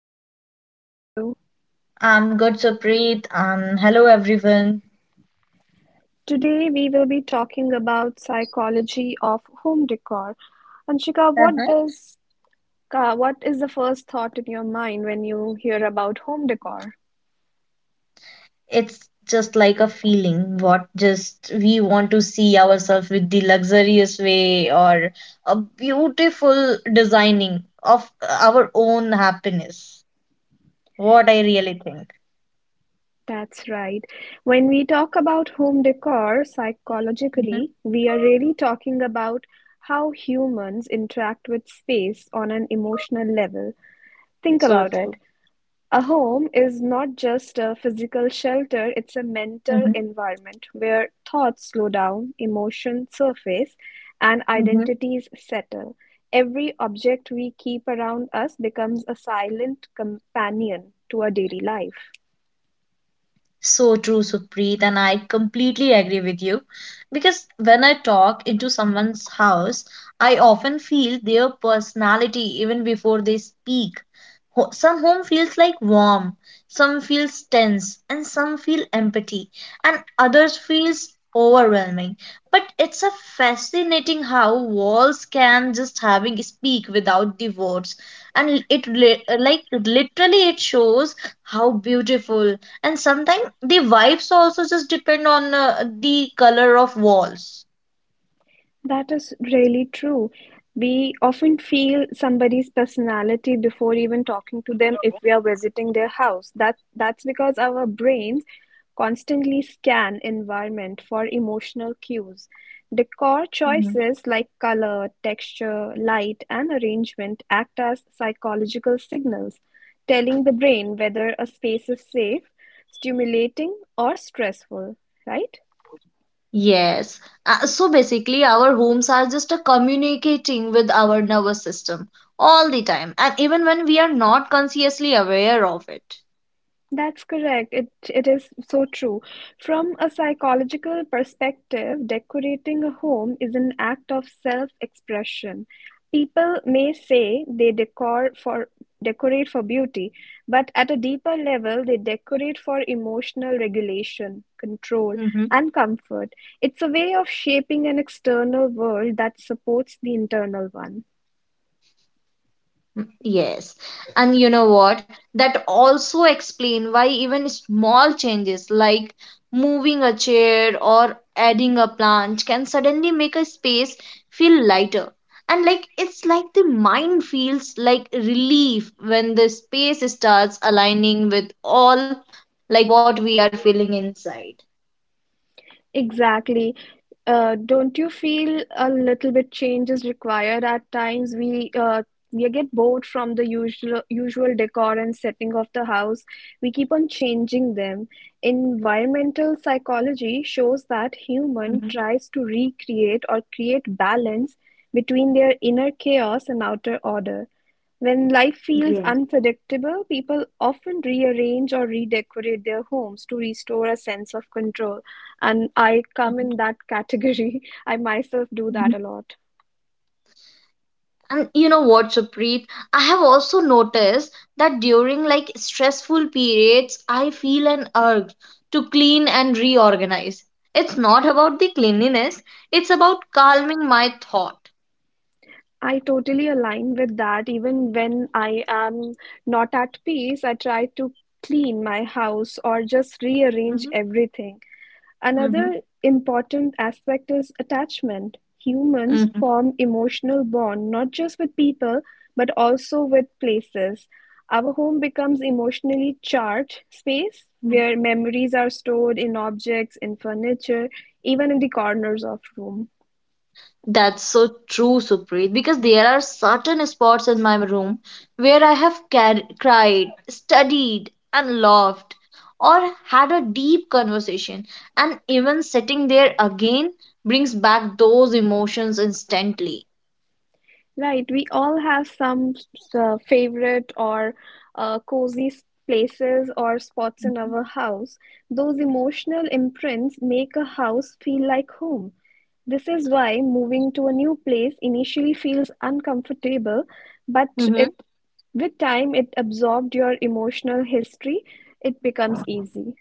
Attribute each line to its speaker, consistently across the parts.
Speaker 1: Hi Anshika, how are you?
Speaker 2: I'm good, Supreet, and hello everyone.
Speaker 1: Today we will be talking about psychology of home decor. Anshika,
Speaker 2: Uh-huh.
Speaker 1: what is the first thought in your mind when you hear about home decor?
Speaker 2: It's just like a feeling what just we want to see ourselves with the luxurious way or a beautiful designing of our own happiness. What I really think.
Speaker 1: That's right. When we talk about home decor
Speaker 2: hmm
Speaker 1: psychologically, we are really talking about how humans interact with space on an emotional level. Think
Speaker 2: So
Speaker 1: about it.
Speaker 2: true.
Speaker 1: A home is not just a physical shelter, it's a mental
Speaker 2: hmm
Speaker 1: environment where thoughts slow down, emotions surface, and
Speaker 2: hmm
Speaker 1: identities settle. Every object we keep around us becomes a silent companion to our daily life.
Speaker 2: So true, Supreet, and I completely agree with you. Because when I talk into someone's house, I often feel their personality even before they speak. Some home feels like warm, some feels tense, and some feel empathy, and others feels overwhelming. But it's a fascinating how walls can just having speak without the words, and like literally it shows how beautiful. And sometimes the vibes also just depend on the color of walls.
Speaker 1: That is really true. We often feel somebody's personality before even talking to them if we are visiting their house. That's because our brains constantly scan environment for emotional cues. Decor choices like color, texture, light, and arrangement act as psychological signals, telling the brain whether a space is safe, stimulating, or stressful, right?
Speaker 2: Yes. So basically, our homes are just a communicating with our nervous system all the time, and even when we are not consciously aware of it.
Speaker 1: That's correct. It is so true. From a psychological perspective, decorating a home is an act of self-expression. People may say they decor for decorate for beauty, but at a deeper level, they decorate for emotional regulation, control, and comfort. It's a way of shaping an external world that supports the internal one.
Speaker 2: Yes. And you know what? That also explain why even small changes like moving a chair or adding a plant can suddenly make a space feel lighter. And like it's like the mind feels like relief when the space starts aligning with all like what we are feeling inside.
Speaker 1: Exactly. Don't you feel a little bit change is required at times? We get bored from the usual decor and setting of the house. We keep on changing them. Environmental psychology shows that human
Speaker 2: Mhm.
Speaker 1: tries to recreate or create balance between their inner chaos and outer order. When life feels
Speaker 2: Yes.
Speaker 1: unpredictable, people often rearrange or redecorate their homes to restore a sense of control, and I come in that category. I myself do that a lot.
Speaker 2: And you know what, Supreet? I have also noticed that during like stressful periods, I feel an urge to clean and reorganize. It's not about the cleanliness, it's about calming my thought.
Speaker 1: I totally align with that. Even when I am not at peace, I try to clean my house or just rearrange
Speaker 2: Mm-hmm.
Speaker 1: everything.
Speaker 2: Mm-hmm.
Speaker 1: Another important aspect is attachment. Humans form emotional bond not just with people but also with places. Our home becomes emotionally charged space
Speaker 2: Mhm.
Speaker 1: where memories are stored in objects, in furniture, even in the corners of room.
Speaker 2: That's so true, Supreet, because there are certain spots in my room where I have cried, studied, and laughed, or had a deep conversation, and even sitting there again brings back those emotions instantly.
Speaker 1: Right, we all have some favorite or places or spots in our house. Those emotional imprints make a house feel like home. This is why moving to a new place initially feels uncomfortable, but
Speaker 2: Mhm.
Speaker 1: it with time it absorbed your emotional history, it becomes easy.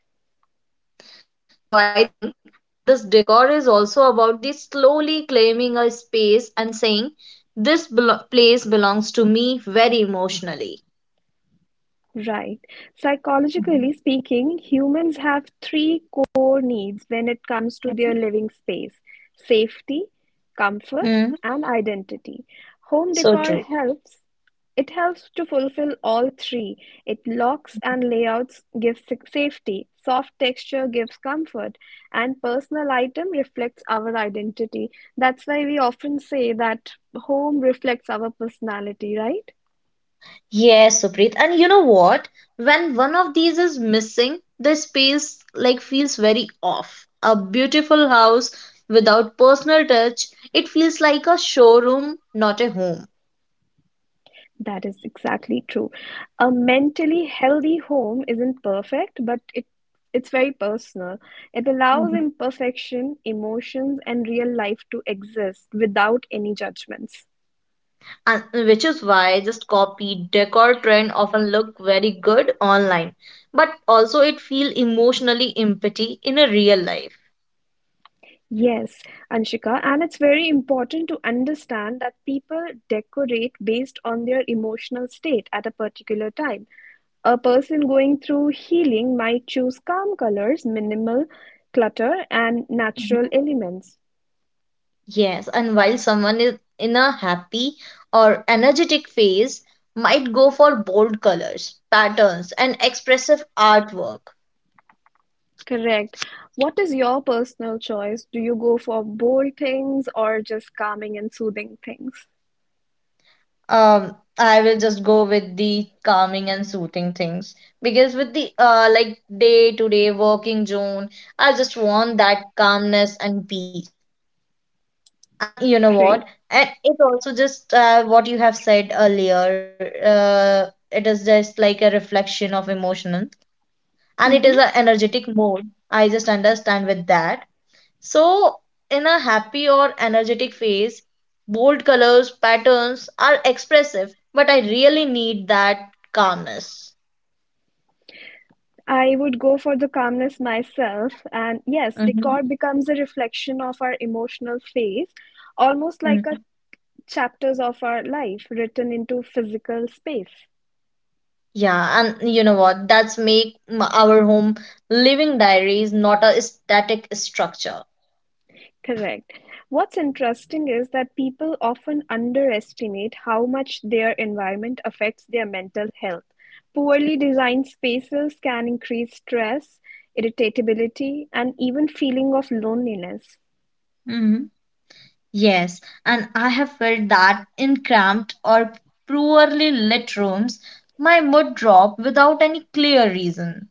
Speaker 2: So I think this decor is also about the slowly claiming a space and saying, this place belongs to me very emotionally.
Speaker 1: Right.
Speaker 2: Mhm.
Speaker 1: Psychologically speaking, humans have three core needs when it comes to their living space: safety, comfort,
Speaker 2: Mm,
Speaker 1: and identity. Home
Speaker 2: so
Speaker 1: decor
Speaker 2: true.
Speaker 1: helps. It helps to fulfill all three. It locks and layouts gives safety, soft texture gives comfort, and personal item reflects our identity. That's why we often say that home reflects our personality, right?
Speaker 2: Yes, Supreet. And you know what? When one of these is missing, the space like feels very off. A beautiful house without personal touch, it feels like a showroom, not a home.
Speaker 1: That is exactly true. A mentally healthy home isn't perfect, but it's very personal. It allows
Speaker 2: Mhm.
Speaker 1: imperfection, emotions, and real life to exist without any judgments.
Speaker 2: And which is why just copy decor trend often look very good online, but also it feel emotionally empty in a real life.
Speaker 1: Yes, Anshika, and it's very important to understand that people decorate based on their emotional state at a particular time. A person going through healing might choose calm colors, minimal clutter, and natural elements.
Speaker 2: Yes, and while someone is in a happy or energetic phase, might go for bold colors, patterns, and expressive artwork.
Speaker 1: Correct. What is your personal choice? Do you go for bold things or just calming and soothing things?
Speaker 2: I will just go with the calming and soothing things because with the like day to day working zone, I just want that calmness and peace. And you know what?
Speaker 1: Great.
Speaker 2: And it also just what you have said earlier. It is just like a reflection of emotional. And it is
Speaker 1: hmm
Speaker 2: a energetic mode. I just understand with that. So, in a happy or energetic phase, bold colors, patterns are expressive, but I really need that calmness.
Speaker 1: I would go for the calmness myself. And yes, decor
Speaker 2: Mhm.
Speaker 1: becomes a reflection of our emotional phase, almost like
Speaker 2: Mm.
Speaker 1: a chapters of our life written into physical space.
Speaker 2: Yeah, and you know what? That's our home living diaries not a static structure.
Speaker 1: Correct. What's interesting is that people often underestimate how much their environment affects their mental health. Poorly designed spaces can increase stress, irritability, and even feeling of loneliness.
Speaker 2: hmm Yes, and I have felt that in cramped or poorly lit rooms, my mood drop without any clear reason.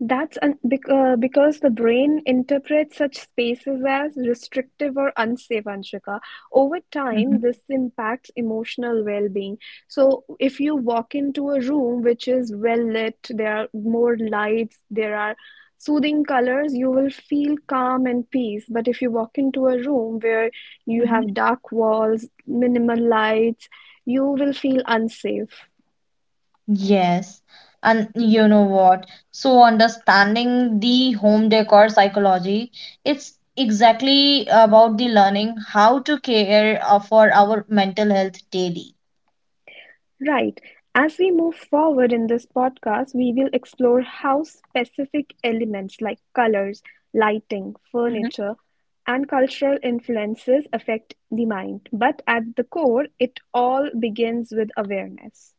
Speaker 1: Because the brain interprets such spaces as restrictive or unsafe, Anshika. Over
Speaker 2: hmm
Speaker 1: time, this impacts emotional well being. So, if you walk into a room which is well lit, there are more lights, there are soothing colors, you will feel calm and peace. But if you walk into a room where you
Speaker 2: hmm
Speaker 1: have dark walls, minimal lights, you will feel unsafe.
Speaker 2: Yes. And you know what? So understanding the home decor psychology, it's exactly about the learning how to care for our mental health daily.
Speaker 1: Right. As we move forward in this podcast, we will explore how specific elements like colors, lighting,
Speaker 2: Mhm.
Speaker 1: furniture, and cultural influences affect the mind. But at the core, it all begins with awareness.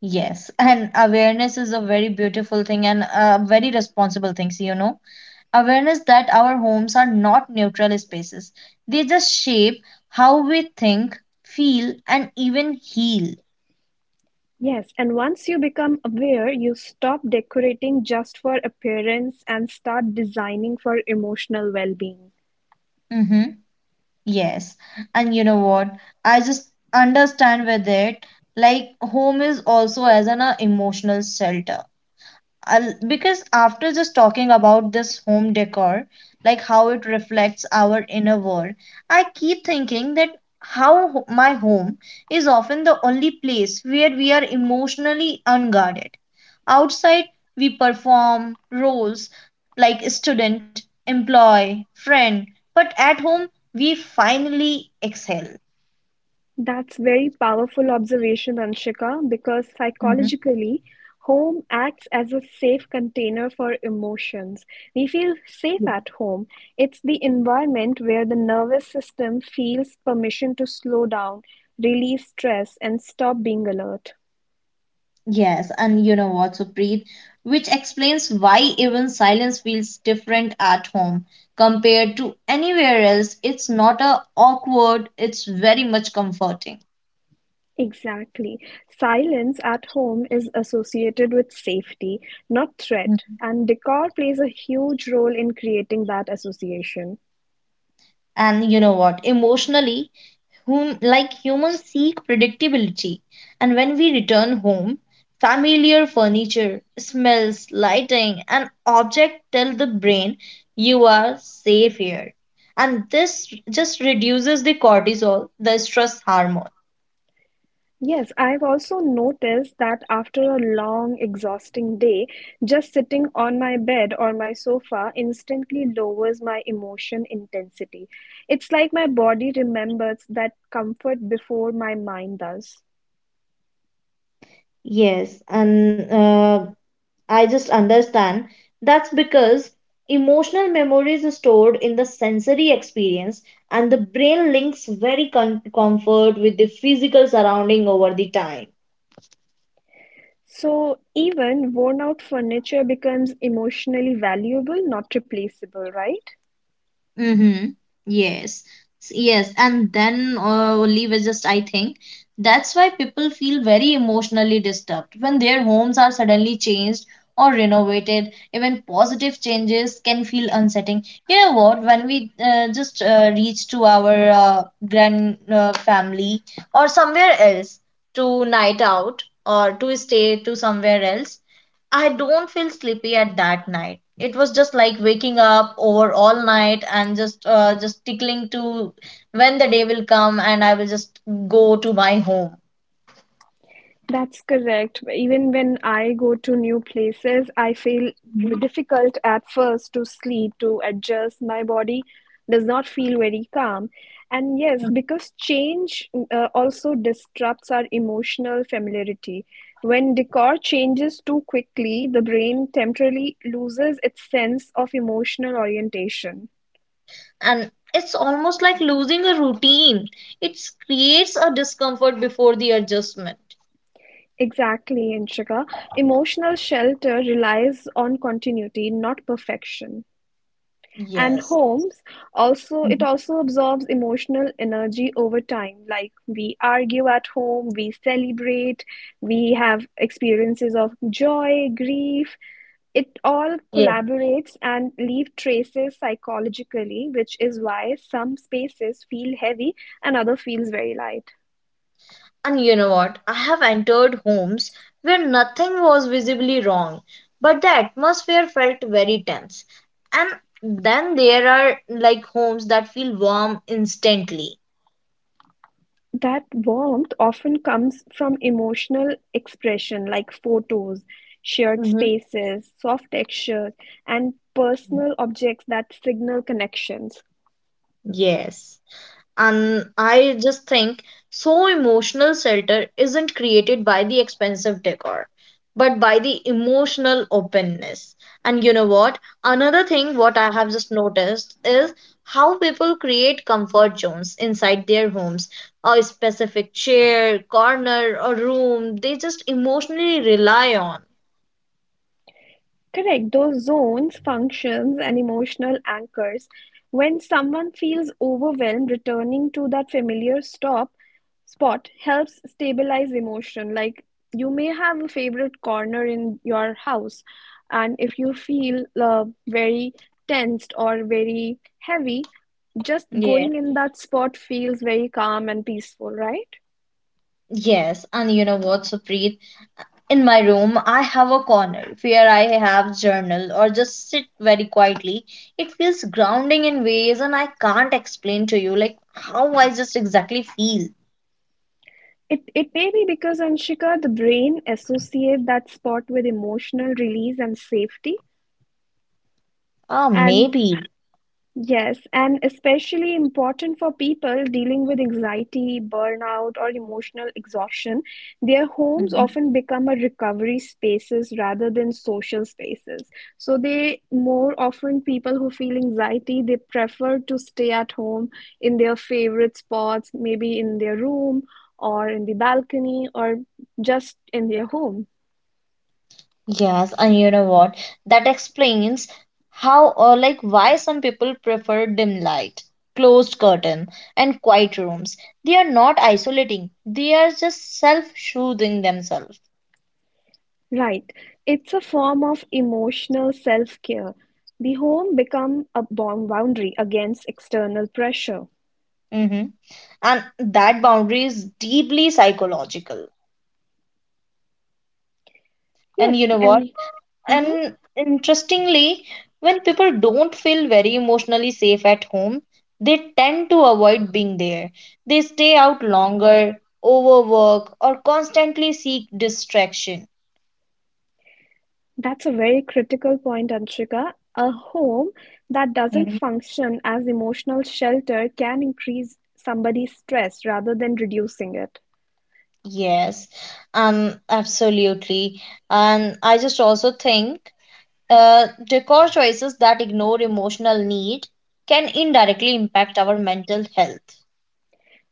Speaker 2: Yes, and awareness is a very beautiful thing and a very responsible things, you know. Awareness that our homes are not neutral spaces. They just shape how we think, feel, and even heal.
Speaker 1: Yes, and once you become aware, you stop decorating just for appearance and start designing for emotional well being.
Speaker 2: Mhm. Yes, and you know what? I just understand with it, like home is also as an emotional shelter. Because after just talking about this home decor, like how it reflects our inner world, I keep thinking that how my home is often the only place where we are emotionally unguarded. Outside, we perform roles like student, employee, friend, but at home, we finally exhale.
Speaker 1: That's very powerful observation, Anshika, because
Speaker 2: hmm
Speaker 1: psychologically, home acts as a safe container for emotions. We feel safe at home. It's the environment where the nervous system feels permission to slow down, release stress, and stop being alert.
Speaker 2: Yes, and you know what, Supreet, which explains why even silence feels different at home compared to anywhere else. It's not a awkward, it's very much comforting.
Speaker 1: Exactly. Silence at home is associated with safety, not threat,
Speaker 2: Mhm.
Speaker 1: and decor plays a huge role in creating that association.
Speaker 2: And you know what, emotionally, like humans seek predictability, and when we return home, familiar furniture, smells, lighting, and objects tell the brain you are safe here. And this just reduces the cortisol, the stress hormone.
Speaker 1: Yes, I've also noticed that after a long, exhausting day, just sitting on my bed or my sofa instantly lowers my emotion intensity. It's like my body remembers that comfort before my mind does.
Speaker 2: Yes, and I just understand that's because emotional memories is stored in the sensory experience, and the brain links very comfort with the physical surrounding over the time.
Speaker 1: So even worn out furniture becomes emotionally valuable, not replaceable, right?
Speaker 2: Mm-hmm. Yes. Yes. And then only we just, I think that's why people feel very emotionally disturbed when their homes are suddenly changed or renovated. Even positive changes can feel unsettling. You know what? When we just reach to our grand family or somewhere else to night out or to stay to somewhere else, I don't feel sleepy at that night. It was just like waking up over all night and just tickling to when the day will come and I will just go to my home.
Speaker 1: That's correct. Even when I go to new places, I feel difficult at first to sleep, to adjust. My body does not feel very calm. And yes,
Speaker 2: Mhm.
Speaker 1: because change also disrupts our emotional familiarity. When decor changes too quickly, the brain temporarily loses its sense of emotional orientation.
Speaker 2: And it's almost like losing a routine. It creates a discomfort before the adjustment.
Speaker 1: Exactly, Inshika. Emotional shelter relies on continuity, not perfection. And
Speaker 2: Yes.
Speaker 1: homes also it
Speaker 2: Mhm.
Speaker 1: also absorbs emotional energy over time. Like we argue at home, we celebrate, we have experiences of joy, grief. It all collaborates and leave traces psychologically, which is why some spaces feel heavy and other feels very light.
Speaker 2: And you know what? I have entered homes where nothing was visibly wrong, but the atmosphere felt very tense. And then there are like homes that feel warm instantly.
Speaker 1: That warmth often comes from emotional expression like photos, shared
Speaker 2: Mhm.
Speaker 1: spaces, soft textures, and personal objects that signal connections.
Speaker 2: Yes. And I just think so emotional shelter isn't created by the expensive decor but by the emotional openness. And you know what, another thing what I have just noticed is how people create comfort zones inside their homes, a specific chair corner or room they just emotionally rely on.
Speaker 1: Correct. Those zones, functions, and emotional anchors. When someone feels overwhelmed, returning to that familiar stop spot helps stabilize emotion. Like you may have a favorite corner in your house, and if you feel very tensed or very heavy, just
Speaker 2: Yeah.
Speaker 1: going in that spot feels very calm and peaceful, right?
Speaker 2: Yes, and you know what, Supreet? In my room, I have a corner where I have journal or just sit very quietly. It feels grounding in ways and I can't explain to you like how I just exactly feel.
Speaker 1: It may be because, Anshika, the brain associate that spot with emotional release and safety.
Speaker 2: Ah,
Speaker 1: And
Speaker 2: maybe.
Speaker 1: yes, and especially important for people dealing with anxiety, burnout, or emotional exhaustion, their homes
Speaker 2: Mhm.
Speaker 1: often become a recovery spaces rather than social spaces. So they more often people who feel anxiety, they prefer to stay at home in their favorite spots, maybe in their room or in the balcony or just in their home.
Speaker 2: Yes, and you know what? That explains how or like why some people prefer dim light, closed curtain, and quiet rooms. They are not isolating. They are just self-soothing themselves.
Speaker 1: Right. It's a form of emotional self-care. The home become a boundary against external pressure.
Speaker 2: hmm And that boundary is deeply psychological. And
Speaker 1: Yes,
Speaker 2: you know what?
Speaker 1: and hmm
Speaker 2: And interestingly, when people don't feel very emotionally safe at home, they tend to avoid being there. They stay out longer, overwork, or constantly seek distraction.
Speaker 1: That's a very critical point, Anshika. A home that doesn't
Speaker 2: Mhm.
Speaker 1: function as emotional shelter can increase somebody's stress rather than reducing it.
Speaker 2: Yes, absolutely. And I just also think decor choices that ignore emotional need can indirectly impact our mental health.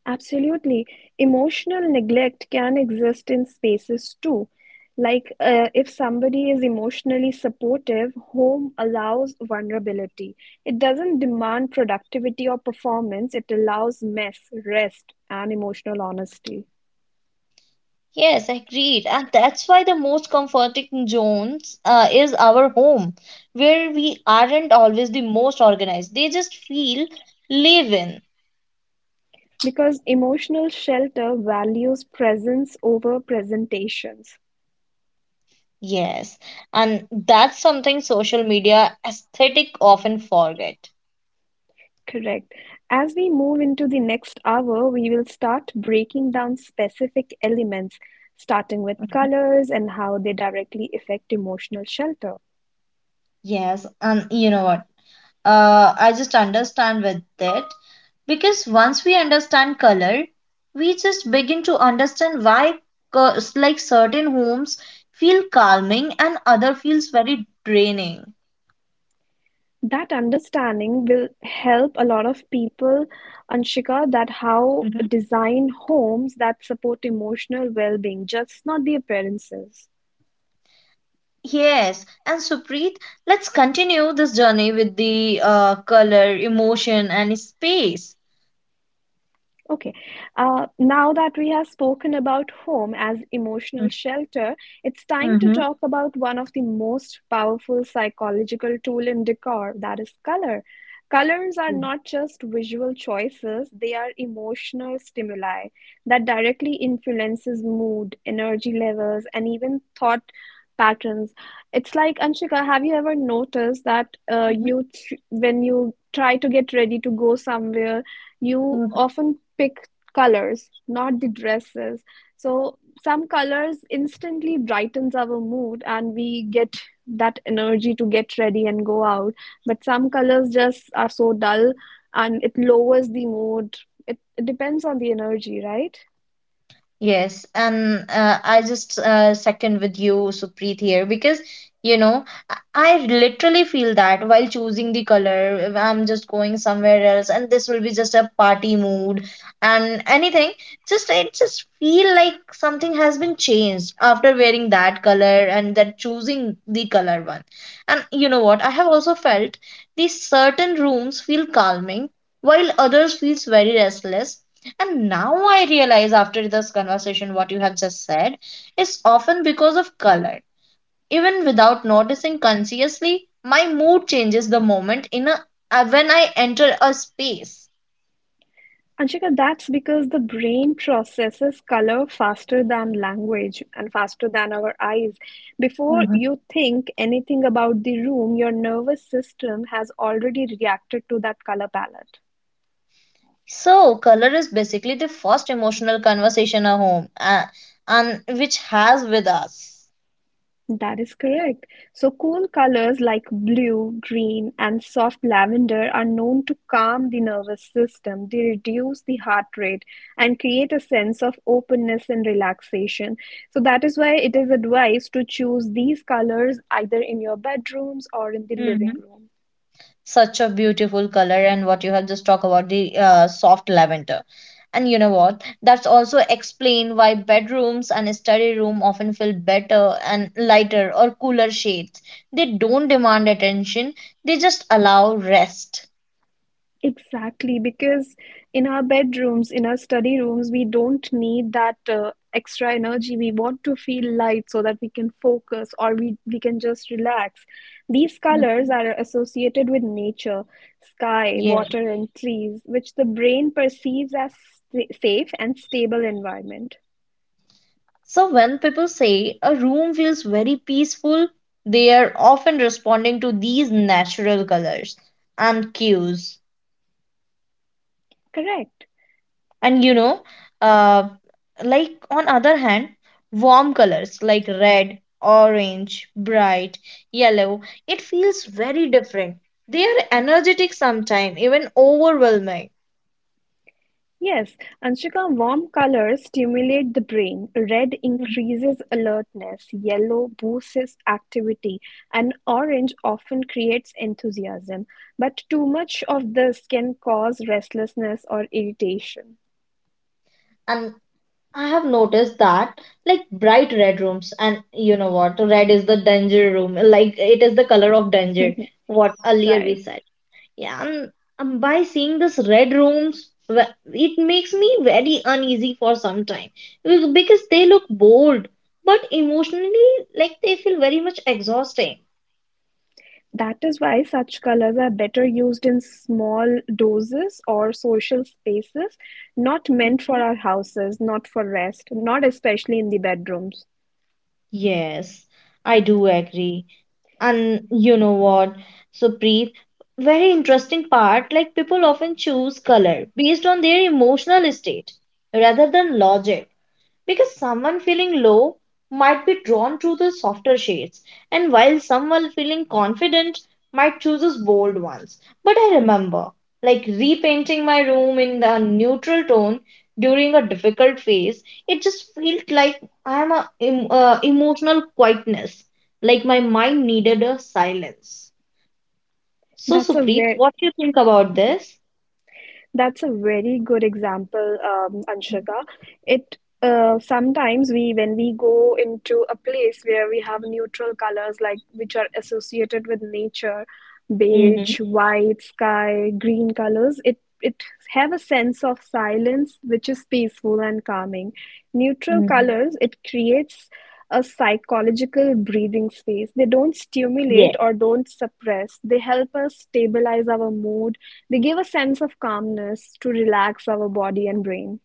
Speaker 1: Absolutely. Emotional neglect can exist in spaces too. If somebody is emotionally supportive, home allows vulnerability. It doesn't demand productivity or performance, it allows mess, rest, and emotional honesty.
Speaker 2: Yes, agreed. And that's why the most comforting zones is our home, where we aren't always the most organized. They just feel live in.
Speaker 1: Because emotional shelter values presence over presentations.
Speaker 2: Yes. And that's something social media aesthetic often forget.
Speaker 1: Correct. As we move into the next hour, we will start breaking down specific elements, starting with colors and how they directly affect emotional shelter.
Speaker 2: Yes, and you know what? I just understand with it. Because once we understand color we just begin to understand why like certain homes feel calming and other feels very draining.
Speaker 1: That understanding will help a lot of people, Anshika, that how
Speaker 2: Mhm.
Speaker 1: design homes that support emotional well-being, just not the appearances.
Speaker 2: Yes, and Supreet, let's continue this journey with the color emotion and space.
Speaker 1: Okay. Now that we have spoken about home as emotional shelter, it's time to
Speaker 2: Mhm.
Speaker 1: talk about one of the most powerful psychological tool in decor, that is color. Colors are not just visual choices, they are emotional stimuli that directly influences mood, energy levels, and even thought patterns. It's like, Anshika, have you ever noticed that
Speaker 2: Mhm.
Speaker 1: you tr when you try to get ready to go somewhere, you
Speaker 2: Mhm.
Speaker 1: often pick colors not the dresses? So some colors instantly brightens our mood and we get that energy to get ready and go out, but some colors just are so dull and it lowers the mood. It depends on the energy, right?
Speaker 2: Yes, and I just second with you, Supreet, here because you know I literally feel that while choosing the color, if I'm just going somewhere else, and this will be just a party mood and anything. Just it just feel like something has been changed after wearing that color and that choosing the color one. And you know what? I have also felt these certain rooms feel calming while others feels very restless, and now I realize after this conversation what you have just said is often because of color. Even without noticing consciously, my mood changes the moment in a when I enter a space.
Speaker 1: Anshika, that's because the brain processes color faster than language and faster than our eyes. Before
Speaker 2: Mhm.
Speaker 1: you think anything about the room, your nervous system has already reacted to that color palette.
Speaker 2: So color is basically the first emotional conversation at home, and which has with us.
Speaker 1: That is correct. So cool colors like blue, green, and soft lavender are known to calm the nervous system. They reduce the heart rate and create a sense of openness and relaxation. So that is why it is advised to choose these colors either in your bedrooms or in the living room.
Speaker 2: Such a beautiful color, and what you have just talked about the soft lavender. And you know what, that's also explain why bedrooms and study room often feel better and lighter or cooler shades. They don't demand attention, they just allow rest.
Speaker 1: Exactly, because in our bedrooms, in our study rooms, we don't need that extra energy. We want to feel light so that we can focus or we can just relax. These colors
Speaker 2: Mhm.
Speaker 1: are associated with nature, sky,
Speaker 2: Yeah.
Speaker 1: water, and trees, which the brain perceives as safe and stable environment.
Speaker 2: So when people say a room feels very peaceful, they are often responding to these natural colors and cues.
Speaker 1: Correct.
Speaker 2: And you know uh, like on other hand warm colors like red orange bright yellow, it feels very different. They are energetic, sometimes even overwhelming.
Speaker 1: Yes, Anshika, warm colors stimulate the brain. Red
Speaker 2: Mhm.
Speaker 1: increases alertness, yellow boosts activity, and orange often creates enthusiasm. But too much of this can cause restlessness or irritation.
Speaker 2: And I have noticed that like bright red rooms, and you know what, red is the danger room, like it is the color of danger what earlier we
Speaker 1: Right.
Speaker 2: said. Yeah, and by seeing this red rooms, it makes me very uneasy for some time. Because they look bold, but emotionally, like they feel very much exhausting.
Speaker 1: That is why such colors are better used in small doses or social spaces, not meant for
Speaker 2: Mhm.
Speaker 1: our houses, not for rest, not especially in the bedrooms.
Speaker 2: Yes, I do agree. And you know what, Supreet, very interesting part, like people often choose color based on their emotional state rather than logic. Because someone feeling low might be drawn to the softer shades, and while someone feeling confident might choose those bold ones. But I remember, like repainting my room in the neutral tone during a difficult phase, it just felt like I am a emotional quietness, like my mind needed a silence. So,
Speaker 1: That's a
Speaker 2: Supreet,
Speaker 1: very
Speaker 2: what do you think about this?
Speaker 1: That's a very good example, Anshika. It Sometimes we when we go into a place where we have neutral colors, like, which are associated with nature,
Speaker 2: Mm-hmm.
Speaker 1: beige, white, sky, green colors, it have a sense of silence which is peaceful and calming. Neutral colors, it creates a psychological breathing space. They don't stimulate or don't suppress, they help us stabilize our mood, they give a sense of calmness to relax our body and brain.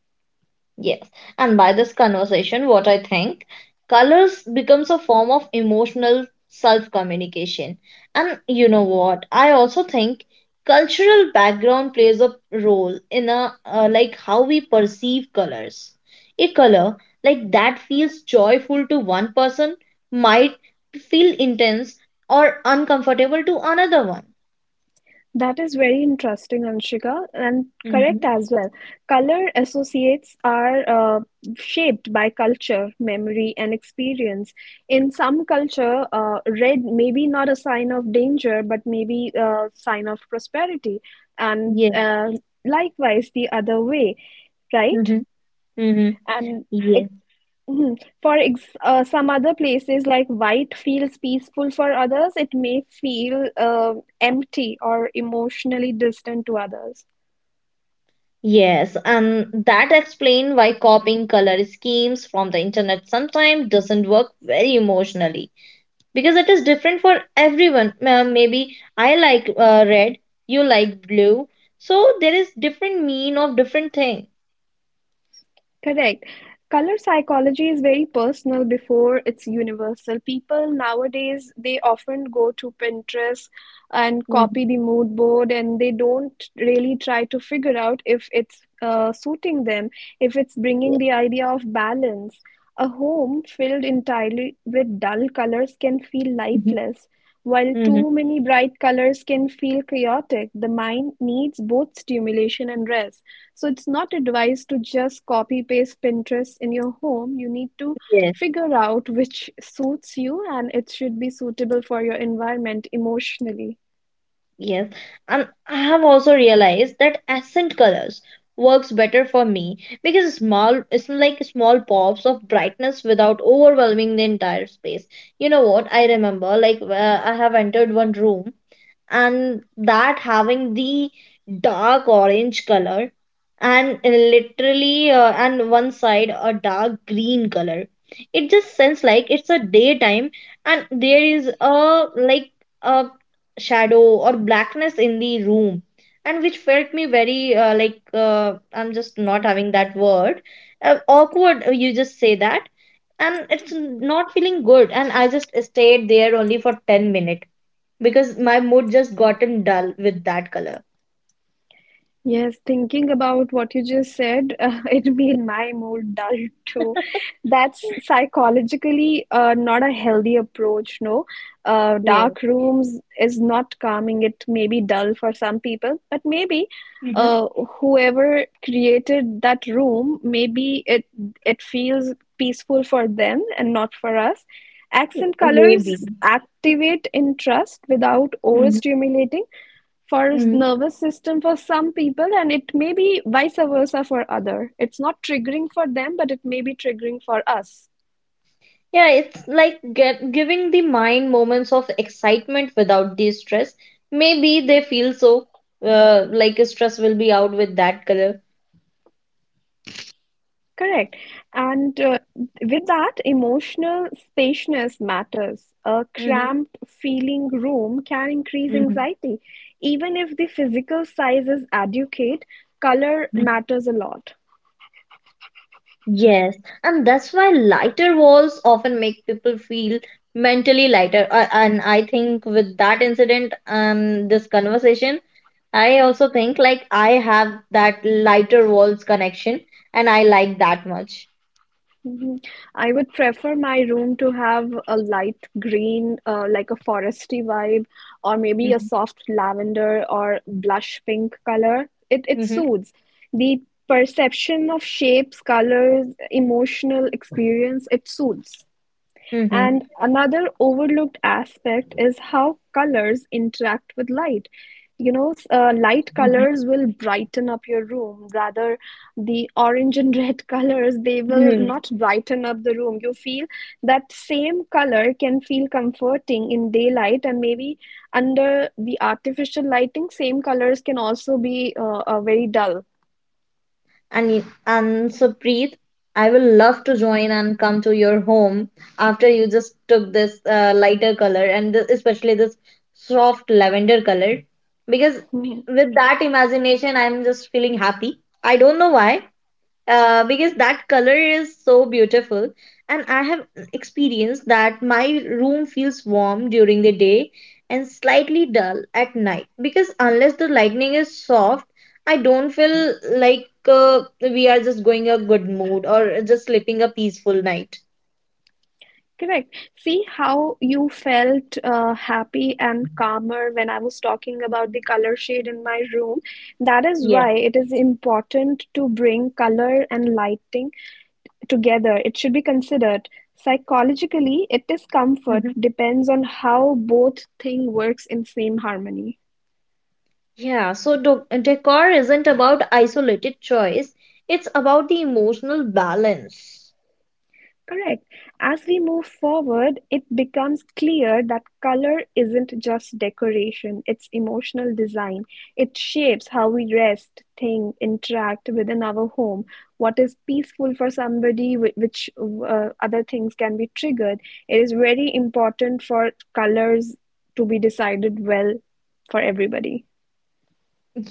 Speaker 2: Yes. And by this conversation, what I think, colors becomes a form of emotional self communication. And you know what? I also think cultural background plays a role in a like how we perceive colors. A color like that feels joyful to one person might feel intense or uncomfortable to another one.
Speaker 1: That is very interesting, Anshika, and correct
Speaker 2: Hmm.
Speaker 1: as well. Color associates are shaped by culture, memory, and experience. In some culture, red may be not a sign of danger, but maybe a sign of prosperity, and
Speaker 2: Yes.
Speaker 1: uh, likewise the other way, right?
Speaker 2: Mm-hmm. Mm-hmm.
Speaker 1: And it, Mhm. For ex Some other places, like white feels peaceful for others, it may feel empty or emotionally distant to others.
Speaker 2: Yes, and that explains why copying color schemes from the internet sometimes doesn't work very emotionally because it is different for everyone. Maybe I like red, you like blue, so there is different mean of different thing.
Speaker 1: Correct. Color psychology is very personal before it's universal. People nowadays, they often go to Pinterest and
Speaker 2: Mhm.
Speaker 1: copy the mood board, and they don't really try to figure out if it's suiting them, if it's bringing the idea of balance. A home filled entirely with dull colors can feel
Speaker 2: Mhm.
Speaker 1: lifeless. While
Speaker 2: Mhm.
Speaker 1: too many bright colors can feel chaotic, the mind needs both stimulation and rest. So it's not advised to just copy paste Pinterest in your home. You need to figure out which suits you and it should be suitable for your environment emotionally.
Speaker 2: Yes, and I have also realized that accent colors works better for me because small it's like small pops of brightness without overwhelming the entire space. You know what? I remember I have entered one room and that having the dark orange color and literally and one side a dark green color, it just sounds like it's a daytime, and there is a like a shadow or blackness in the room, and which felt me very I'm just not having that word. Awkward, you just say that, and it's not feeling good, and I just stayed there only for 10 minutes because my mood just gotten dull with that color.
Speaker 1: Yes, thinking about what you just said, it made my mood dull too. That's psychologically not a healthy approach, no.
Speaker 2: Yes.
Speaker 1: Dark rooms is not calming. It may be dull for some people, but maybe
Speaker 2: Mhm.
Speaker 1: uh, whoever created that room, maybe it feels peaceful for them and not for us. Accent
Speaker 2: Maybe.
Speaker 1: colors activate interest without
Speaker 2: Mhm.
Speaker 1: overstimulating for
Speaker 2: Mhm.
Speaker 1: nervous system for some people, and it may be vice versa for other, it's not triggering for them but it may be triggering for us.
Speaker 2: Yeah, it's like giving the mind moments of excitement without the stress. Maybe they feel so like stress will be out with that color.
Speaker 1: Correct. And with that, emotional spaciousness matters. A
Speaker 2: Hmm.
Speaker 1: cramped feeling room can increase
Speaker 2: Hmm.
Speaker 1: anxiety even if the physical size is adequate. Color matters a lot.
Speaker 2: Yes, and that's why lighter walls often make people feel mentally lighter. And I think with that incident and this conversation, I also think like I have that lighter walls connection and I like that much.
Speaker 1: Mhm. I would prefer my room to have a light green, like a foresty vibe, or maybe a
Speaker 2: Mhm,
Speaker 1: soft lavender or blush pink color. It
Speaker 2: mhm,
Speaker 1: soothes the perception of shapes, colors, emotional experience. It soothes.
Speaker 2: mhm,
Speaker 1: And another overlooked aspect is how colors interact with light. You know, light
Speaker 2: mhm,
Speaker 1: colors will brighten up your room. Rather, the orange and red colors, they will
Speaker 2: mhm.
Speaker 1: not brighten up the room. You feel that same color can feel comforting in daylight, and maybe under the artificial lighting, same colors can also be very dull.
Speaker 2: And so Preet, I will love to join and come to your home after you just took this lighter color and th especially this soft lavender color, because with that imagination I'm just feeling happy. I don't know why, because that color is so beautiful and I have experienced that my room feels warm during the day and slightly dull at night, because unless the lightning is soft I don't feel like we are just going a good mood or just sleeping a peaceful night.
Speaker 1: Correct. See how you felt happy and calmer when I was talking about the color shade in my room. That is
Speaker 2: Yeah.
Speaker 1: why it is important to bring color and lighting together. It should be considered. Psychologically, it is comfort
Speaker 2: Mhm.
Speaker 1: depends on how both thing works in same harmony.
Speaker 2: Yeah, so decor isn't about isolated choice, it's about the emotional balance.
Speaker 1: Correct. As we move forward, it becomes clear that color isn't just decoration, it's emotional design. It shapes how we rest, think, interact within our home. What is peaceful for somebody, which other things can be triggered. It is very important for colors to be decided well for everybody.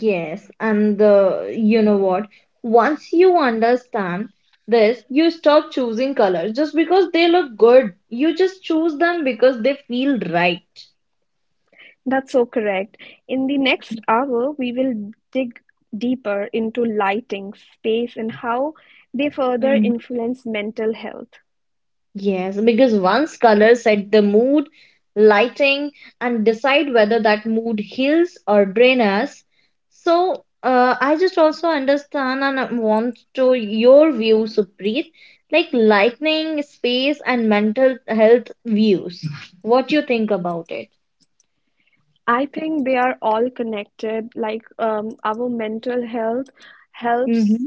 Speaker 2: Yes, and the you know what? Once you understand this, you stop choosing colors just because they look good. You just choose them because they feel
Speaker 1: That's so correct. In the
Speaker 2: right.
Speaker 1: next hour, we will dig deeper into lighting, space, and how they further influence mental health.
Speaker 2: Yes, because once colors set the mood, lighting, and decide whether that mood heals or drains us. So, I just also understand and I want to your view, Supreet, like lightning, space, and mental health views. What you think about it?
Speaker 1: I think they are all connected. Like our mental health helps just
Speaker 2: Mm-hmm.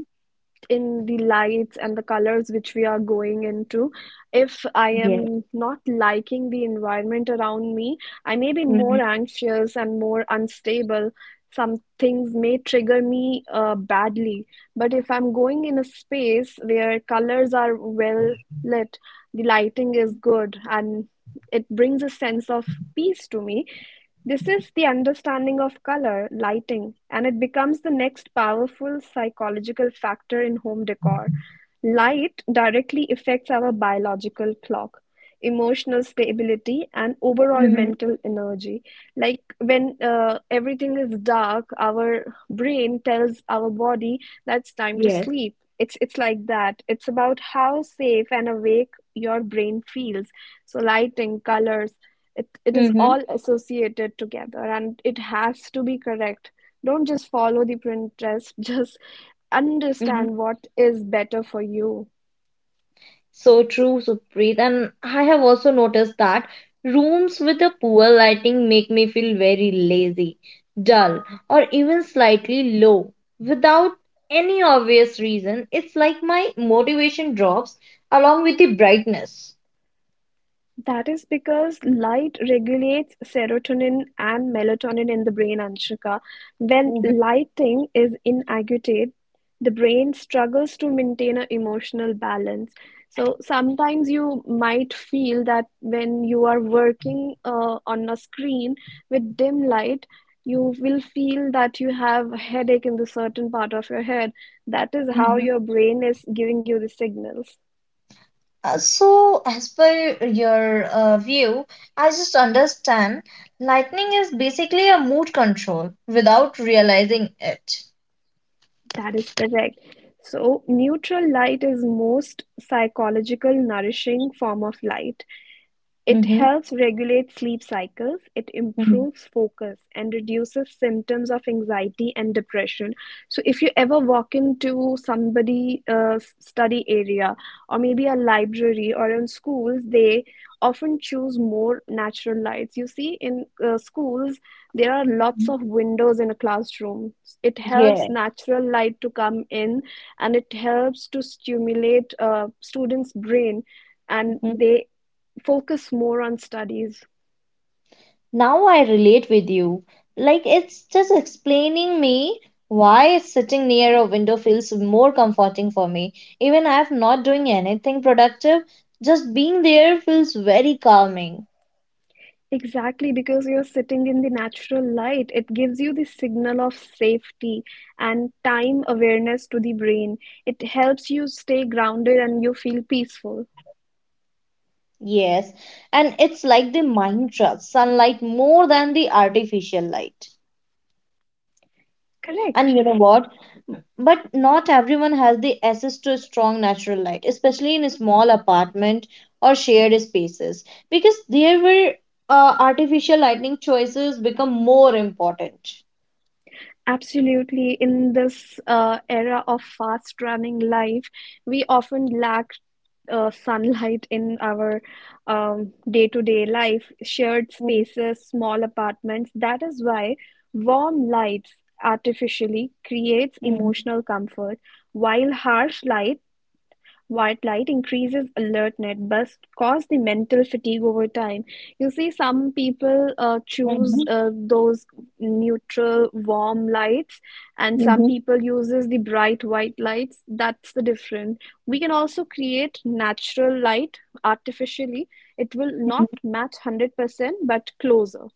Speaker 1: in the lights and the colors which we are going into. If I
Speaker 2: Yes.
Speaker 1: am not liking the environment around me, I may be more
Speaker 2: Mm-hmm.
Speaker 1: anxious and more unstable. Some things may trigger me badly. But if I'm going in a space where colors are well lit, the lighting is good, and it brings a sense of peace to me, this is the understanding of color, lighting, and it becomes the next powerful psychological factor in home decor. Light directly affects our biological clock, emotional stability, and overall
Speaker 2: Mm-hmm.
Speaker 1: mental energy. Like, when everything is dark, our brain tells our body that's time to
Speaker 2: Yes.
Speaker 1: sleep. It's like that. It's about how safe and awake your brain feels. So lighting, colors, it is
Speaker 2: Mm-hmm.
Speaker 1: all associated together and it has to be correct. Don't just follow the Pinterest just understand what is better for you.
Speaker 2: So true, Supreet. And I have also noticed that rooms with a poor lighting make me feel very lazy, dull, or even slightly low without any obvious reason. It's like my motivation drops along with the brightness.
Speaker 1: That is because light regulates serotonin and melatonin in the brain, Anshika. When
Speaker 2: Mhm,
Speaker 1: lighting is inadequate, the brain struggles to maintain an emotional balance. So sometimes you might feel that when you are working on a screen with dim light, you will feel that you have a headache in the certain part of your head. That is how
Speaker 2: mhm.
Speaker 1: your brain is giving you the signals.
Speaker 2: So, as per your view, I just understand lightning is basically a mood control without realizing it.
Speaker 1: That is correct. So, neutral light is most psychological nourishing form of light. It
Speaker 2: Mm-hmm.
Speaker 1: helps regulate sleep cycles, it
Speaker 2: Mhm.
Speaker 1: improves focus and reduces symptoms of anxiety and depression. So if you ever walk into somebody study area, or maybe a library, or in schools, they often choose more natural lights. You see, in schools, there are lots of windows in a classroom. It helps
Speaker 2: Yeah.
Speaker 1: natural light to come in, and it helps to stimulate students' brain, and they focus more on studies.
Speaker 2: Now I relate with you. Like it's just explaining me why sitting near a window feels more comforting for me. Even if not doing anything productive, just being there feels very calming.
Speaker 1: Exactly, because you're sitting in the natural light, it gives you the signal of safety and time awareness to the brain. It helps you stay grounded and you feel peaceful.
Speaker 2: Yes, and it's like the mind trusts sunlight more than the artificial light. And
Speaker 1: Correct.
Speaker 2: you know what? But not everyone has the access to strong natural light, especially in a small apartment or shared spaces, because there were artificial lighting choices become more important.
Speaker 1: Absolutely. In this era of fast running life, we often lack sunlight in our day-to-day life, shared
Speaker 2: Mm,
Speaker 1: spaces, small apartments. That is why warm lights artificially creates
Speaker 2: mm,
Speaker 1: emotional comfort, while harsh light, white light increases alertness but cause the mental fatigue over time. You see, some people
Speaker 2: mhm,
Speaker 1: choose those neutral, warm lights, and some
Speaker 2: mhm,
Speaker 1: people uses the bright white lights. That's the difference. We can also create natural light artificially. It will not
Speaker 2: mhm.
Speaker 1: match 100%, but closer.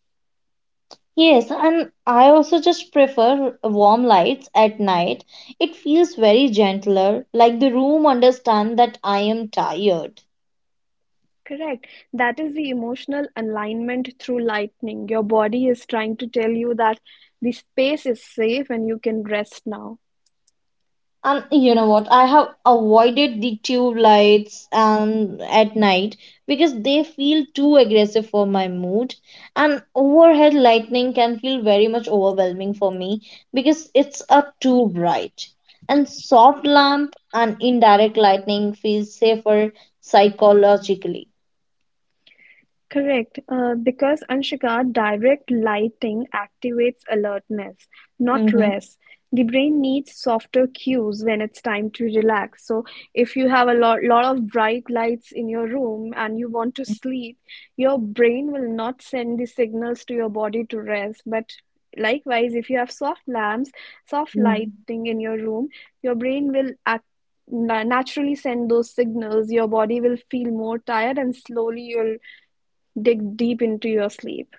Speaker 2: Yes, and I also just prefer warm lights at night. It feels very gentler, like the room understands that I am tired.
Speaker 1: Correct. That is the emotional alignment through lightning. Your body is trying to tell you that the space is safe and you can rest now.
Speaker 2: And you know what? I have avoided the tube lights and at night because they feel too aggressive for my mood. And overhead lightning can feel very much overwhelming for me because it's a too bright. And soft lamp and indirect lightning feels safer psychologically.
Speaker 1: Correct, because Anshika, direct lighting activates alertness, not
Speaker 2: Mm-hmm.
Speaker 1: rest. The brain needs softer cues when it's time to relax. So, if you have a lot of bright lights in your room and you want to sleep, your brain will not send the signals to your body to rest. But likewise, if you have soft lamps, soft
Speaker 2: Mm-hmm.
Speaker 1: lighting in your room, your brain will act naturally send those signals. Your body will feel more tired and slowly you'll dig deep into your sleep.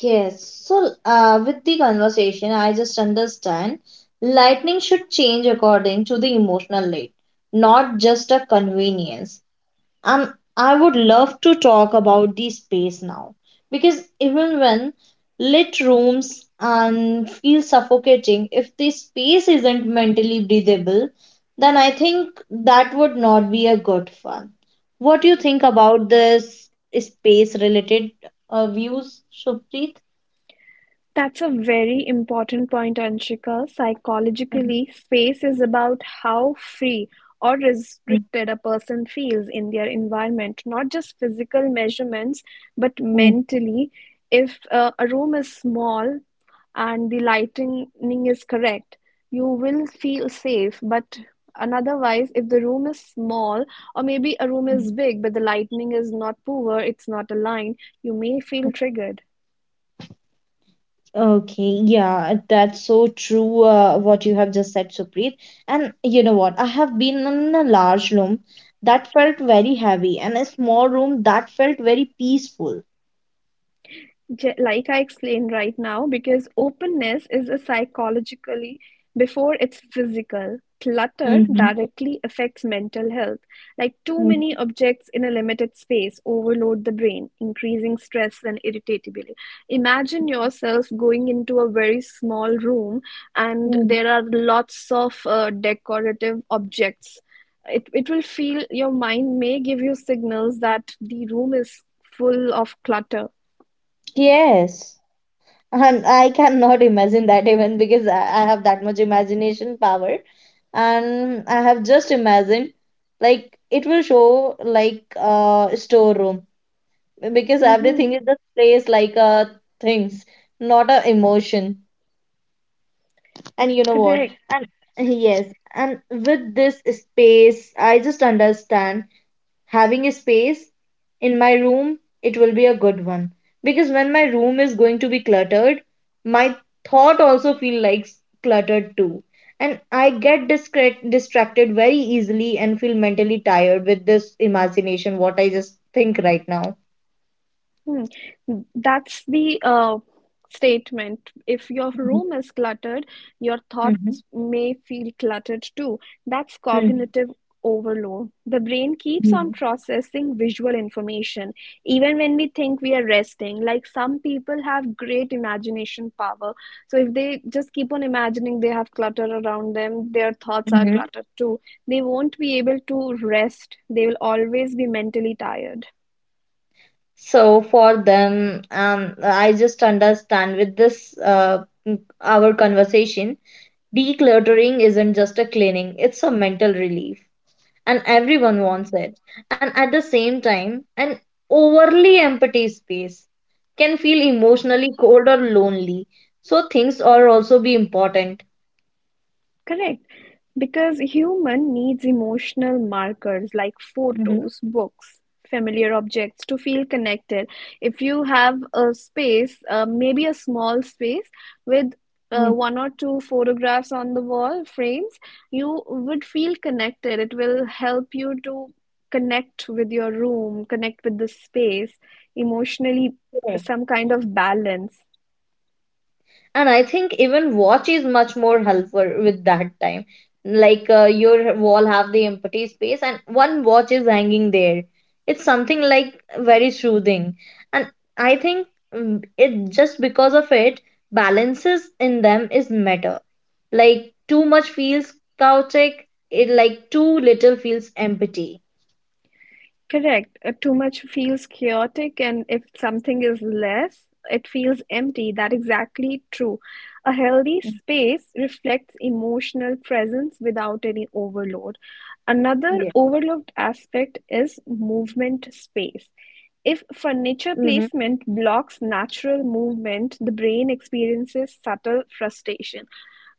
Speaker 2: Yes. So, with the conversation, I just understand lightning should change according to the emotional need, not just a convenience. I would love to talk about the space now because even when lit rooms and feel suffocating, if the space isn't mentally breathable, then I think that would not be a good fun. What do you think about this space related views, Shubhpreet?
Speaker 1: That's a very important point, Anshika.
Speaker 2: Mhm.
Speaker 1: Psychologically, space is about how free or restricted a person feels in their environment, not just physical measurements, but
Speaker 2: Mhm.
Speaker 1: mentally. If a room is small and the lighting is correct, you will feel safe. But and otherwise, if the room is small, or maybe a room is big, but the lighting is not poor, it's not aligned, you may feel triggered.
Speaker 2: Okay, yeah, that's so true. What you have just said, Supreet. And you know what? I have been in a large room that felt very heavy, and a small room that felt very peaceful.
Speaker 1: Like I explained right now, because openness is a psychologically before it's physical. Clutter
Speaker 2: Mm-hmm.
Speaker 1: directly affects mental health. Like too many
Speaker 2: Mm-hmm.
Speaker 1: objects in a limited space overload the brain, increasing stress and irritability. Imagine yourself going into a very small room and there are lots of decorative objects. It will feel your mind may give you signals that the room is full of clutter.
Speaker 2: Yes, and I cannot imagine that even because I have that much imagination power, and I have just imagined like it will show like a storeroom, because everything
Speaker 1: Mhm.
Speaker 2: is just placed like a things, not a emotion, and you know what,
Speaker 1: Correct.
Speaker 2: and yes, and with this space I just understand having a space in my room it will be a good one, because when my room is going to be cluttered my thought also feel like cluttered too, and I get distracted very easily and feel mentally tired with this imagination what I just think right now.
Speaker 1: Hmm. That's the statement. If your room is cluttered, your
Speaker 2: Mhm.
Speaker 1: thoughts may feel cluttered too. That's
Speaker 2: Mhm.
Speaker 1: cognitive overload. The brain keeps on
Speaker 2: Mhm.
Speaker 1: processing visual information, even when we think we are resting. Like some people have great imagination power. So if they just keep on imagining they have clutter around them, their thoughts are
Speaker 2: Mhm.
Speaker 1: cluttered too. They won't be able to rest. They will always be mentally tired.
Speaker 2: So for them, I just understand with this our conversation, decluttering isn't just a cleaning, it's a mental relief, and everyone wants it. And at the same time, an overly empty space can feel emotionally cold or lonely. So things are also be important.
Speaker 1: Correct. Because human needs emotional markers like photos, books, familiar objects to feel connected. If you have a space, maybe a small space with
Speaker 2: Mm-hmm.
Speaker 1: 1 or 2 photographs on the wall, frames, you would feel connected. It will help you to connect with your room, connect with the space, emotionally, some kind of balance.
Speaker 2: And I think even watch is much more helpful with that time, like your wall have the empty space and one watch is hanging there, it's something like very soothing, and I think, mm, it just because of it balances in them is matter, like too much feels chaotic, it like too little feels empty.
Speaker 1: Correct. Too much feels chaotic, and if something is less, it feels empty. That exactly true. A healthy space reflects emotional presence without any overload. Another
Speaker 2: Yeah.
Speaker 1: overlooked aspect is movement space. If furniture placement blocks natural movement, the brain experiences subtle frustration.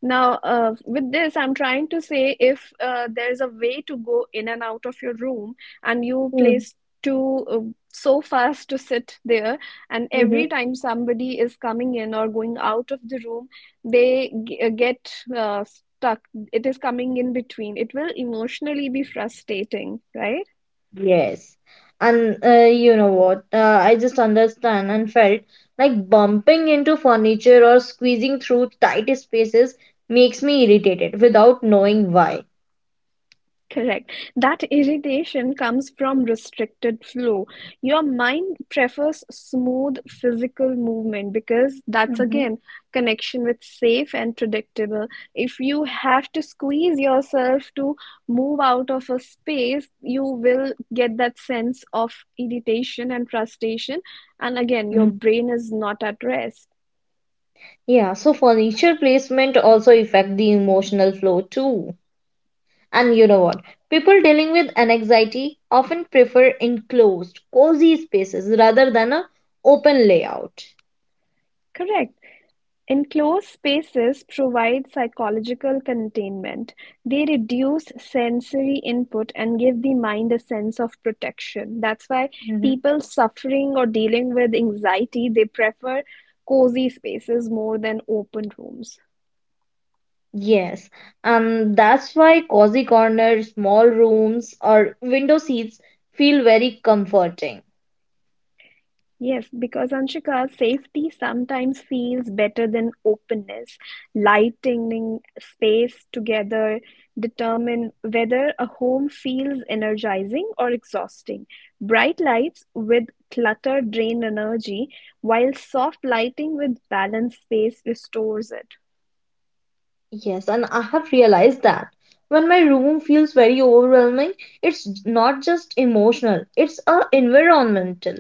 Speaker 1: Now, with this, I'm trying to say if there's a way to go in and out of your room and you
Speaker 2: Mm-hmm.
Speaker 1: placed two sofas to sit there, and every time somebody is coming in or going out of the room, they get stuck, it is coming in between, it will emotionally be frustrating, right?
Speaker 2: Yes. And you know what? I just understand and felt like bumping into furniture or squeezing through tight spaces makes me irritated without knowing why.
Speaker 1: Correct. That irritation comes from restricted flow. Your mind prefers smooth physical movement because that's
Speaker 2: Mhm,
Speaker 1: again connection with safe and predictable. If you have to squeeze yourself to move out of a space, you will get that sense of irritation and frustration. And again, your
Speaker 2: mhm.
Speaker 1: brain is not at rest.
Speaker 2: Yeah, so furniture placement also affect the emotional flow too. And you know what? People dealing with an anxiety often prefer enclosed, cozy spaces rather than a open layout.
Speaker 1: Correct. Enclosed spaces provide psychological containment. They reduce sensory input and give the mind a sense of protection. That's why people suffering or dealing with anxiety, they prefer cozy spaces more than open rooms.
Speaker 2: Yes, and that's why cozy corners, small rooms, or window seats feel very comforting.
Speaker 1: Yes, because Anshika, safety sometimes feels better than openness. Lighting space together determine whether a home feels energizing or exhausting. Bright lights with clutter drain energy, while soft lighting with balanced space restores it.
Speaker 2: Yes, and I have realized that when my room feels very overwhelming, it's not just emotional, it's a environmental.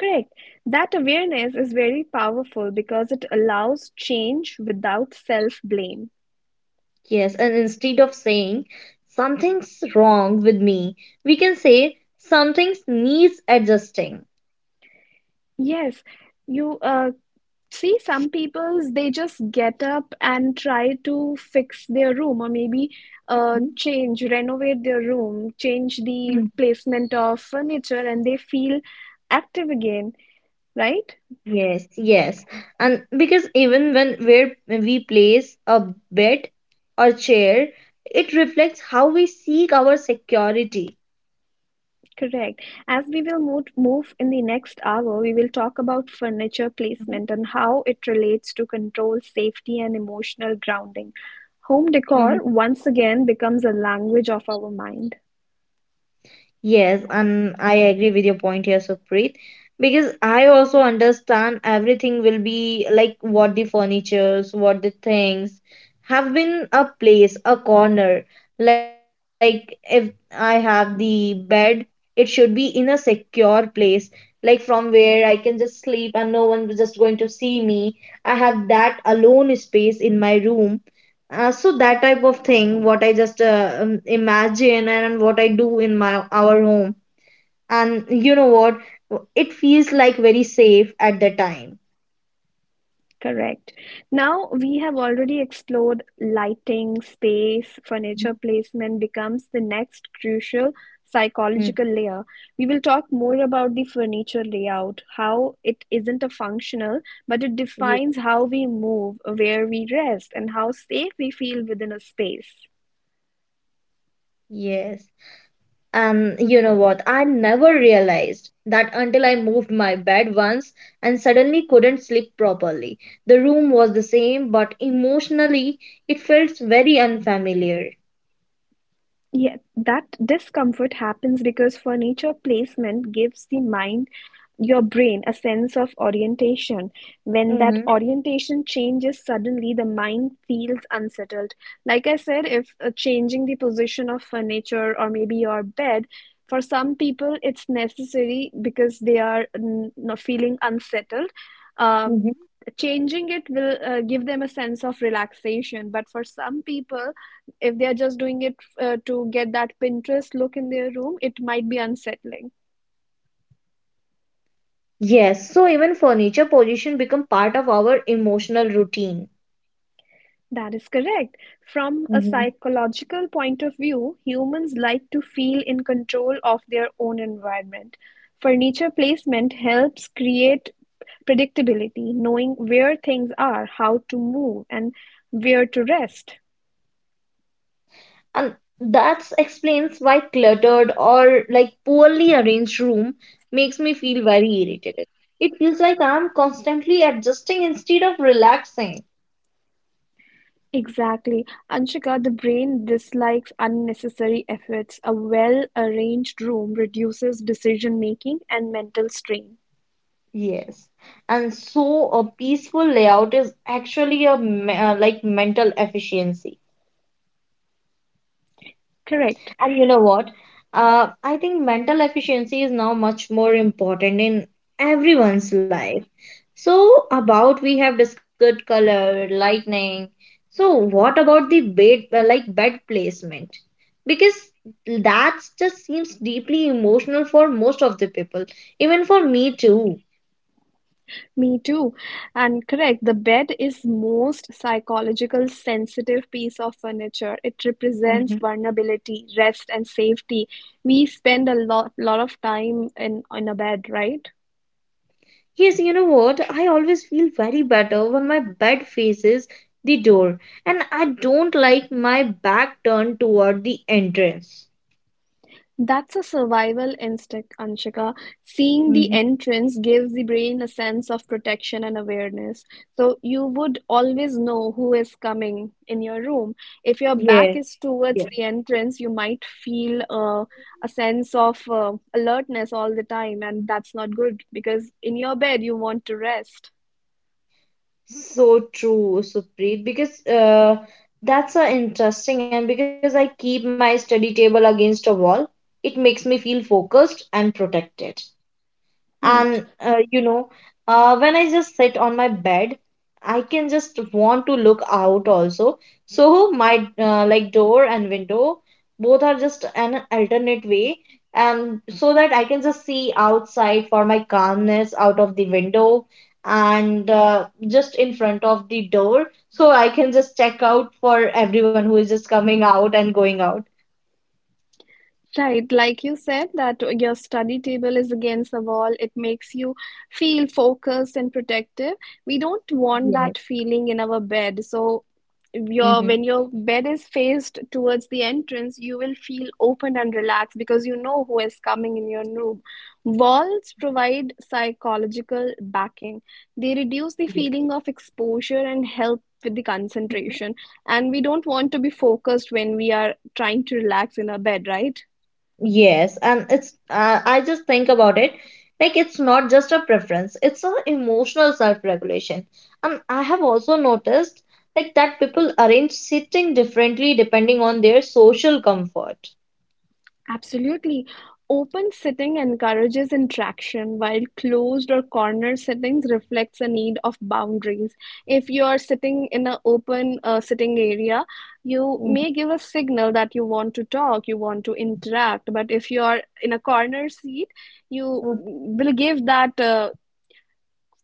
Speaker 1: Correct. That awareness is very powerful because it allows change without self-blame.
Speaker 2: Yes, and instead of saying something's wrong with me, we can say something needs adjusting.
Speaker 1: Yes, you see, some peoples they just get up and try to fix their room, or maybe
Speaker 2: Mhm.
Speaker 1: change, renovate their room, change the placement of furniture, and they feel active again, right?
Speaker 2: Yes, yes. And because even when we place a bed or chair, it reflects how we seek our security.
Speaker 1: Correct. As we will move in the next hour, we will talk about furniture placement and how it relates to control, safety, and emotional grounding. Home
Speaker 2: Mhm.
Speaker 1: decor once again becomes a language of our mind.
Speaker 2: Yes, and I agree with your point here, Supreet, because I also understand everything will be like what the furnitures, what the things have been a place, a corner. Like if I have the bed, it should be in a secure place, like from where I can just sleep and no one is just going to see me. I have that alone space in my room, so that type of thing, what I just imagine and what I do in my our home, and you know what, it feels like very safe at the time.
Speaker 1: Correct. Now we have already explored lighting, space. Furniture placement becomes the next crucial
Speaker 2: Mm.
Speaker 1: psychological layer. We will talk more about the furniture layout, how it isn't a functional, but it
Speaker 2: Ye-
Speaker 1: defines how we move, where we rest, and how safe we feel within a space.
Speaker 2: Yes. And you know what? I never realized that until I moved my bed once and suddenly couldn't sleep properly. The room was the same, but emotionally it felt very unfamiliar.
Speaker 1: Yeah, that discomfort happens because furniture placement gives the mind, your brain, a sense of orientation. When that
Speaker 2: Mm-hmm.
Speaker 1: orientation changes suddenly, the mind feels unsettled. Like I said, if changing the position of furniture or maybe your bed, for some people it's necessary because they are not feeling unsettled. Um, Changing it will give them a sense of relaxation, but for some people if they are just doing it to get that pinterest look in their room, it might be unsettling.
Speaker 2: Yes, so even furniture position become part of our emotional routine.
Speaker 1: That is correct. From a
Speaker 2: Hmm.
Speaker 1: psychological point of view, humans like to feel in control of their own environment. Furniture placement helps create predictability, knowing where things are, how to move, and where to rest.
Speaker 2: And that explains why cluttered or like poorly arranged room makes me feel very irritated. It feels like I'm constantly adjusting instead of relaxing.
Speaker 1: Exactly, Anshika. The brain dislikes unnecessary efforts. A well-arranged room reduces decision making and mental strain.
Speaker 2: Yes. And so a peaceful layout is actually a like mental efficiency.
Speaker 1: Correct.
Speaker 2: And you know what? I think mental efficiency is now much more important in everyone's life. So about we have discussed color, lightning. So what about the bed like bed placement? Because that just seems deeply emotional for most of the people, even for me too.
Speaker 1: Me too. And correct, the bed is most psychological sensitive piece of furniture. It represents
Speaker 2: Mhm.
Speaker 1: vulnerability, rest, and safety. We spend a lot of time in a bed, right?
Speaker 2: Yes, you know what? I always feel very better when my bed faces the door and I don't like my back turned toward the entrance.
Speaker 1: That's a survival instinct, Anshika. Seeing the
Speaker 2: Mhm.
Speaker 1: entrance gives the brain a sense of protection and awareness. So you would always know who is coming in your room.
Speaker 2: Yes.
Speaker 1: If your back
Speaker 2: Yes.
Speaker 1: is towards the entrance, you might feel a sense of alertness all the time, and that's not good because in your bed you want to rest.
Speaker 2: So true, Supreet, because that's interesting, and because I keep my study table against a wall, it makes me feel focused and protected,
Speaker 1: Hmm.
Speaker 2: and you know, when I just sit on my bed I can just want to look out also, so my like door and window both are just an alternate way, and so that I can just see outside for my calmness out of the window, and just in front of the door so I can just check out for everyone who is just coming out and going out.
Speaker 1: Right, like you said, that your study table is against the wall. It makes you feel focused and protective. We don't want that
Speaker 2: Yes.
Speaker 1: feeling in our bed. So, your
Speaker 2: Hmm.
Speaker 1: when your bed is faced towards the entrance, you will feel open and relaxed because you know who is coming in your room. Walls provide psychological backing. They reduce the feeling of exposure and help with the concentration. And we don't want to be focused when we are trying to relax in our bed, right?
Speaker 2: Yes, and it's I just think about it, like it's not just a preference, it's a emotional self-regulation. And I have also noticed that people arrange sitting differently depending on their social comfort.
Speaker 1: Absolutely. Open sitting encourages interaction, while closed or corner sittings reflects a need of boundaries. If you are sitting in an open sitting area, you
Speaker 2: Mhm.
Speaker 1: may give a signal that you want to talk, you want to interact. But if you are in a corner seat, you
Speaker 2: Mm.
Speaker 1: will give that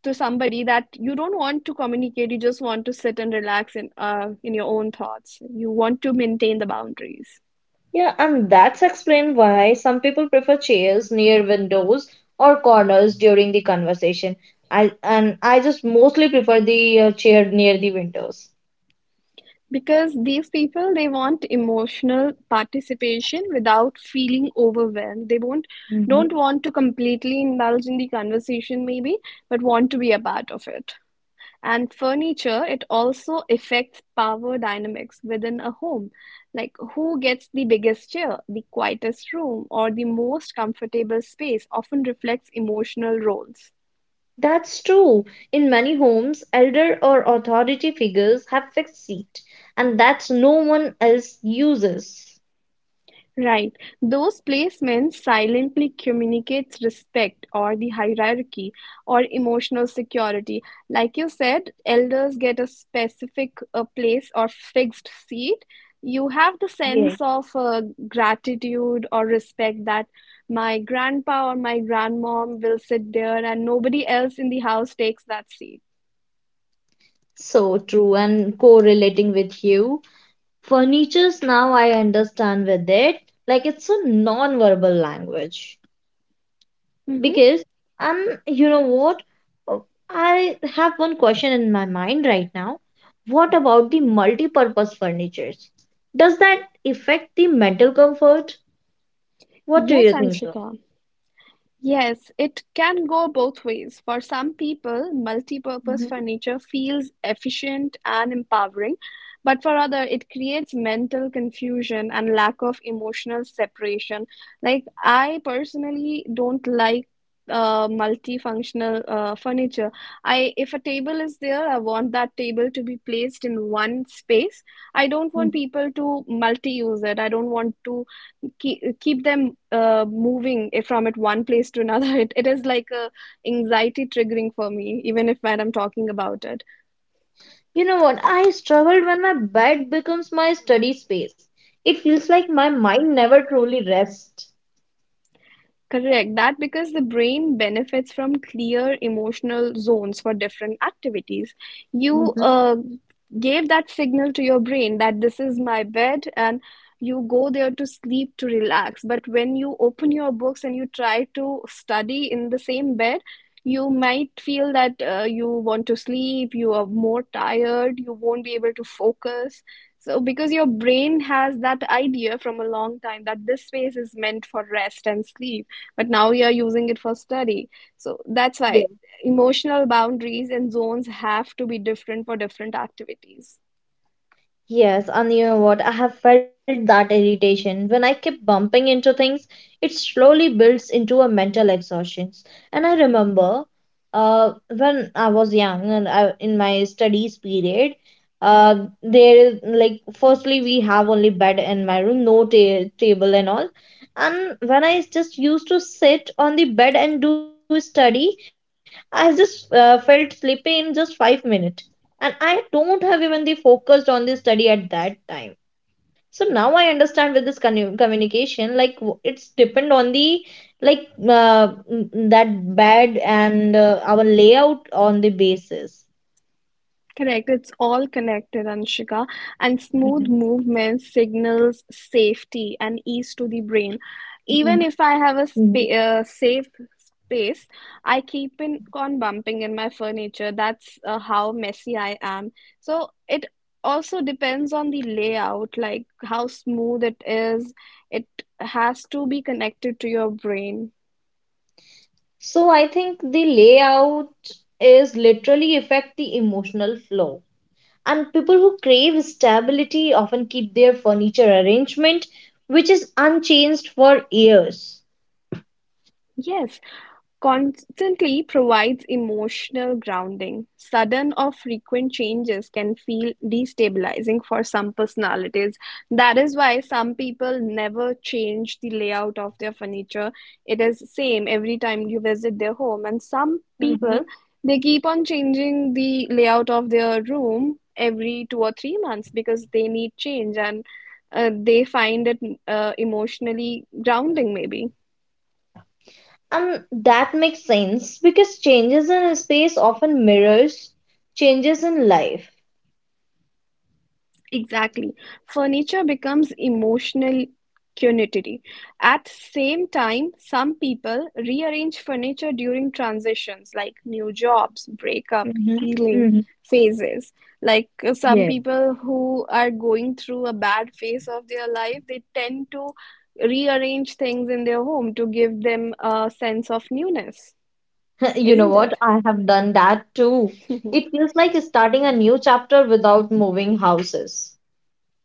Speaker 1: to somebody that you don't want to communicate. You just want to sit and relax in your own thoughts. You want to maintain the boundaries.
Speaker 2: Yeah, and that's explained why some people prefer chairs near windows or corners during the conversation. I just mostly prefer the chair near the windows.
Speaker 1: Because these people, they want emotional participation without feeling overwhelmed. They won't don't want to completely indulge in the conversation maybe, but want to be a part of it. And furniture, it also affects power dynamics within a home. Like who gets the biggest chair, the quietest room, or the most comfortable space often reflects emotional roles.
Speaker 2: That's true. In many homes, elder or authority figures have fixed seat, and that no one else uses.
Speaker 1: Right. Those placements silently communicates respect, or the hierarchy, or emotional security. Like you said, elders get a specific place or fixed seat. You have the sense
Speaker 2: Yes.
Speaker 1: of gratitude or respect that my grandpa or my grandmom will sit there and nobody else in the house takes that seat.
Speaker 2: So true, and correlating with you, furnitures now I understand with it, like it's a non-verbal language.
Speaker 1: Mm-hmm.
Speaker 2: Because, and you know what? Uh, I have one question in my mind right now. What about the multi-purpose furnitures? Does that affect the mental comfort? What do
Speaker 1: Yes,
Speaker 2: you think, sir?
Speaker 1: Anshika. Yes, it can go both ways. For some people, multi-purpose
Speaker 2: Mhm.
Speaker 1: furniture feels efficient and empowering, but for other, it creates mental confusion and lack of emotional separation. Like I personally don't like multifunctional furniture. I If a table is there, I want that table to be placed in one space. I don't want
Speaker 2: Mhm.
Speaker 1: people to multi-use it. I don't want to keep them moving from it one place to another. It is like a anxiety triggering for me, even if when I'm talking about it.
Speaker 2: You know what? I struggled when my bed becomes my study space. It feels like my mind never truly rests.
Speaker 1: Correct. That because the brain benefits from clear emotional zones for different activities. You
Speaker 2: Mhm.
Speaker 1: uh, gave that signal to your brain that this is my bed and you go there to sleep to relax. But when you open your books and you try to study in the same bed, you might feel that you want to sleep, you are more tired, you won't be able to focus. So, because your brain has that idea from a long time that this space is meant for rest and sleep, but now you're using it for study, so that's why emotional boundaries and zones have to be different for different activities.
Speaker 2: Yes, and you know what? I have felt that irritation. When I keep bumping into things, it slowly builds into a mental exhaustion. And I remember when I was young and I, in my studies period, there is like, firstly, we have only bed in my room, no table and all. And when I just used to sit on the bed and do study, I just felt sleepy in just 5 minutes and I don't have even the focused on the study at that time. So now I understand with this communication, like it's depend on the like that bed and our layout on the basis.
Speaker 1: Correct, it's all connected, Anshika. And smooth
Speaker 2: Mhm.
Speaker 1: movement signals safety and ease to the brain.
Speaker 2: Mhm.
Speaker 1: Even if I have a
Speaker 2: Mhm.
Speaker 1: safe space, I keep on bumping in my furniture. That's how messy I am. So it also depends on the layout, like how smooth it is. It has to be connected to your brain.
Speaker 2: So I think the layout is literally affect the emotional flow. And people who crave stability often keep their furniture arrangement which is unchanged for years.
Speaker 1: Yes, constantly provides emotional grounding. Sudden or frequent changes can feel destabilizing for some personalities. That is why some people never change the layout of their furniture. It is same every time you visit their home, and some people they keep on changing the layout of their room every two or three months because they need change, and they find it emotionally grounding maybe.
Speaker 2: And that makes sense because changes in space often mirrors changes in life.
Speaker 1: Exactly. Furniture becomes emotional unity. At same time, some people rearrange furniture during transitions like new jobs, breakup,
Speaker 2: Mm-hmm.
Speaker 1: healing
Speaker 2: Hmm.
Speaker 1: phases. Like some
Speaker 2: Yeah.
Speaker 1: people who are going through a bad phase of their life, they tend to rearrange things in their home to give them a sense of newness,
Speaker 2: You know
Speaker 1: isn't
Speaker 2: what?
Speaker 1: it?
Speaker 2: I have done that too. It feels like starting a new chapter without moving houses.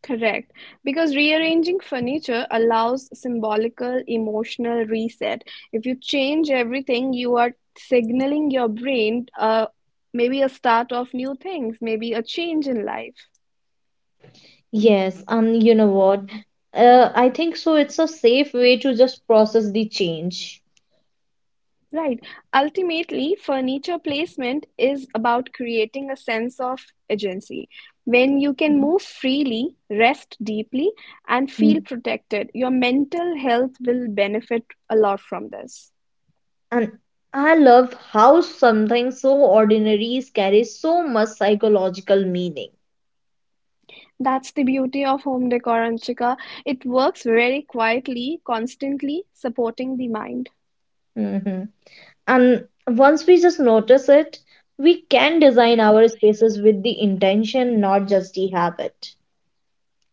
Speaker 1: Correct, because rearranging furniture allows symbolical emotional reset. If you change everything, you are signaling your brain maybe a start of new things, maybe a change in life.
Speaker 2: Yes, and you know what? I think so. It's a safe way to just process the change.
Speaker 1: Right. Ultimately, furniture placement is about creating a sense of agency. When you can move freely, rest deeply, and feel
Speaker 2: Mhm.
Speaker 1: protected, your mental health will benefit a lot from this.
Speaker 2: And I love how something so ordinary carries so much psychological
Speaker 1: That's the beauty of home decor, Anshika. It works very quietly, constantly supporting the mind.
Speaker 2: meaning. And once we just notice it, we can design our spaces with the intention, not just the habit.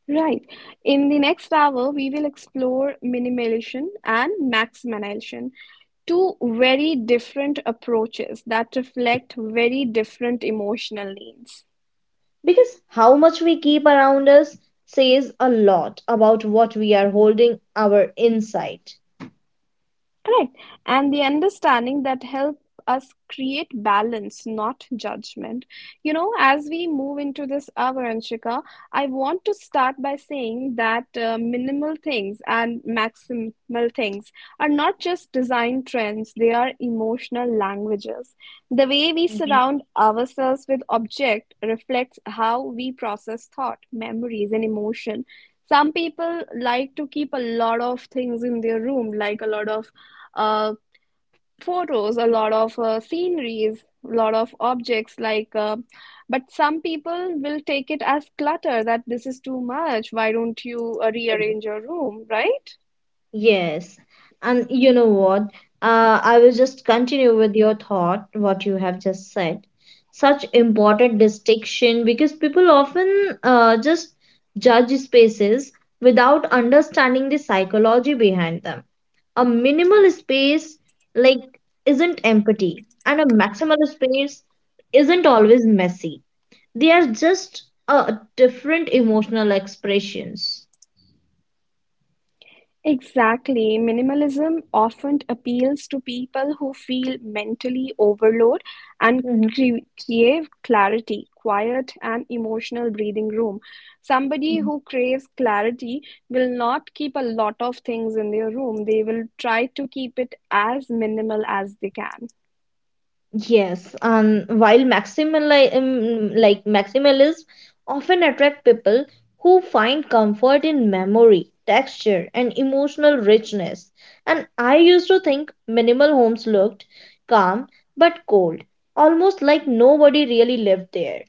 Speaker 1: Right. In the next hour, we will explore minimalism and maximalism, two very different approaches that reflect very different emotional needs.
Speaker 2: Because how much we keep around us says a lot about what we are holding our inside.
Speaker 1: Correct. And the understanding that help us create balance, not judgment. You know, as we move into this hour, Anshika, I want to start by saying that minimal things and maximal things are not just design trends, they are emotional languages. The way we
Speaker 2: Mhm.
Speaker 1: surround ourselves with object reflects how we process thought, memories, and emotion. Some people like to keep a lot of things in their room, like a lot of uh, photos, a lot of sceneries, a lot of objects like but some people will take it as clutter, that this is too much. Why don't you rearrange your room, right?
Speaker 2: Yes. And you know what? I will just continue with your thought, what you have just said. Such important distinction because people often just judge spaces without understanding the psychology behind them. A minimal space like isn't empty, and a maximal space isn't always messy. They are just different emotional expressions.
Speaker 1: Exactly. Minimalism often appeals to people who feel mentally overload and
Speaker 2: Mhm.
Speaker 1: crave clarity, quiet, and emotional breathing room. Somebody who craves clarity will not keep a lot of things in their room. They will try to keep it as minimal as they can.
Speaker 2: Yes, and while like maximalism often attract people who find comfort in memory, texture, and emotional richness. And I used to think minimal homes looked calm but cold, almost like nobody really lived there.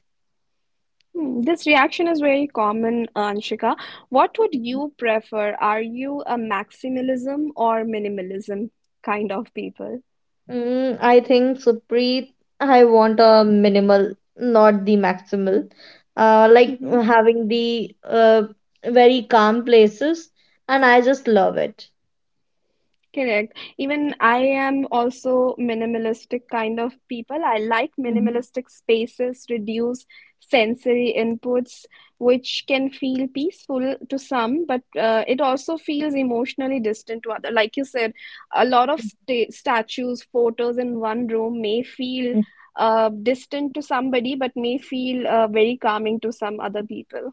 Speaker 1: Hmm, this reaction is very common, Anshika. What would you prefer? Are you a maximalism or minimalism kind of people?
Speaker 2: Mm, I think, Supreet, I want a minimal, not the maximal. Like
Speaker 1: Mm-hmm.
Speaker 2: having the very calm places, and I just love it.
Speaker 1: Correct. Even I am also minimalistic kind of people. I like
Speaker 2: Mhm.
Speaker 1: minimalistic spaces, reduce sensory inputs, which can feel peaceful to some, but it also feels emotionally distant to other. Like you said, a lot of statues, photos in one room may feel distant to somebody, but may feel very calming to some other people.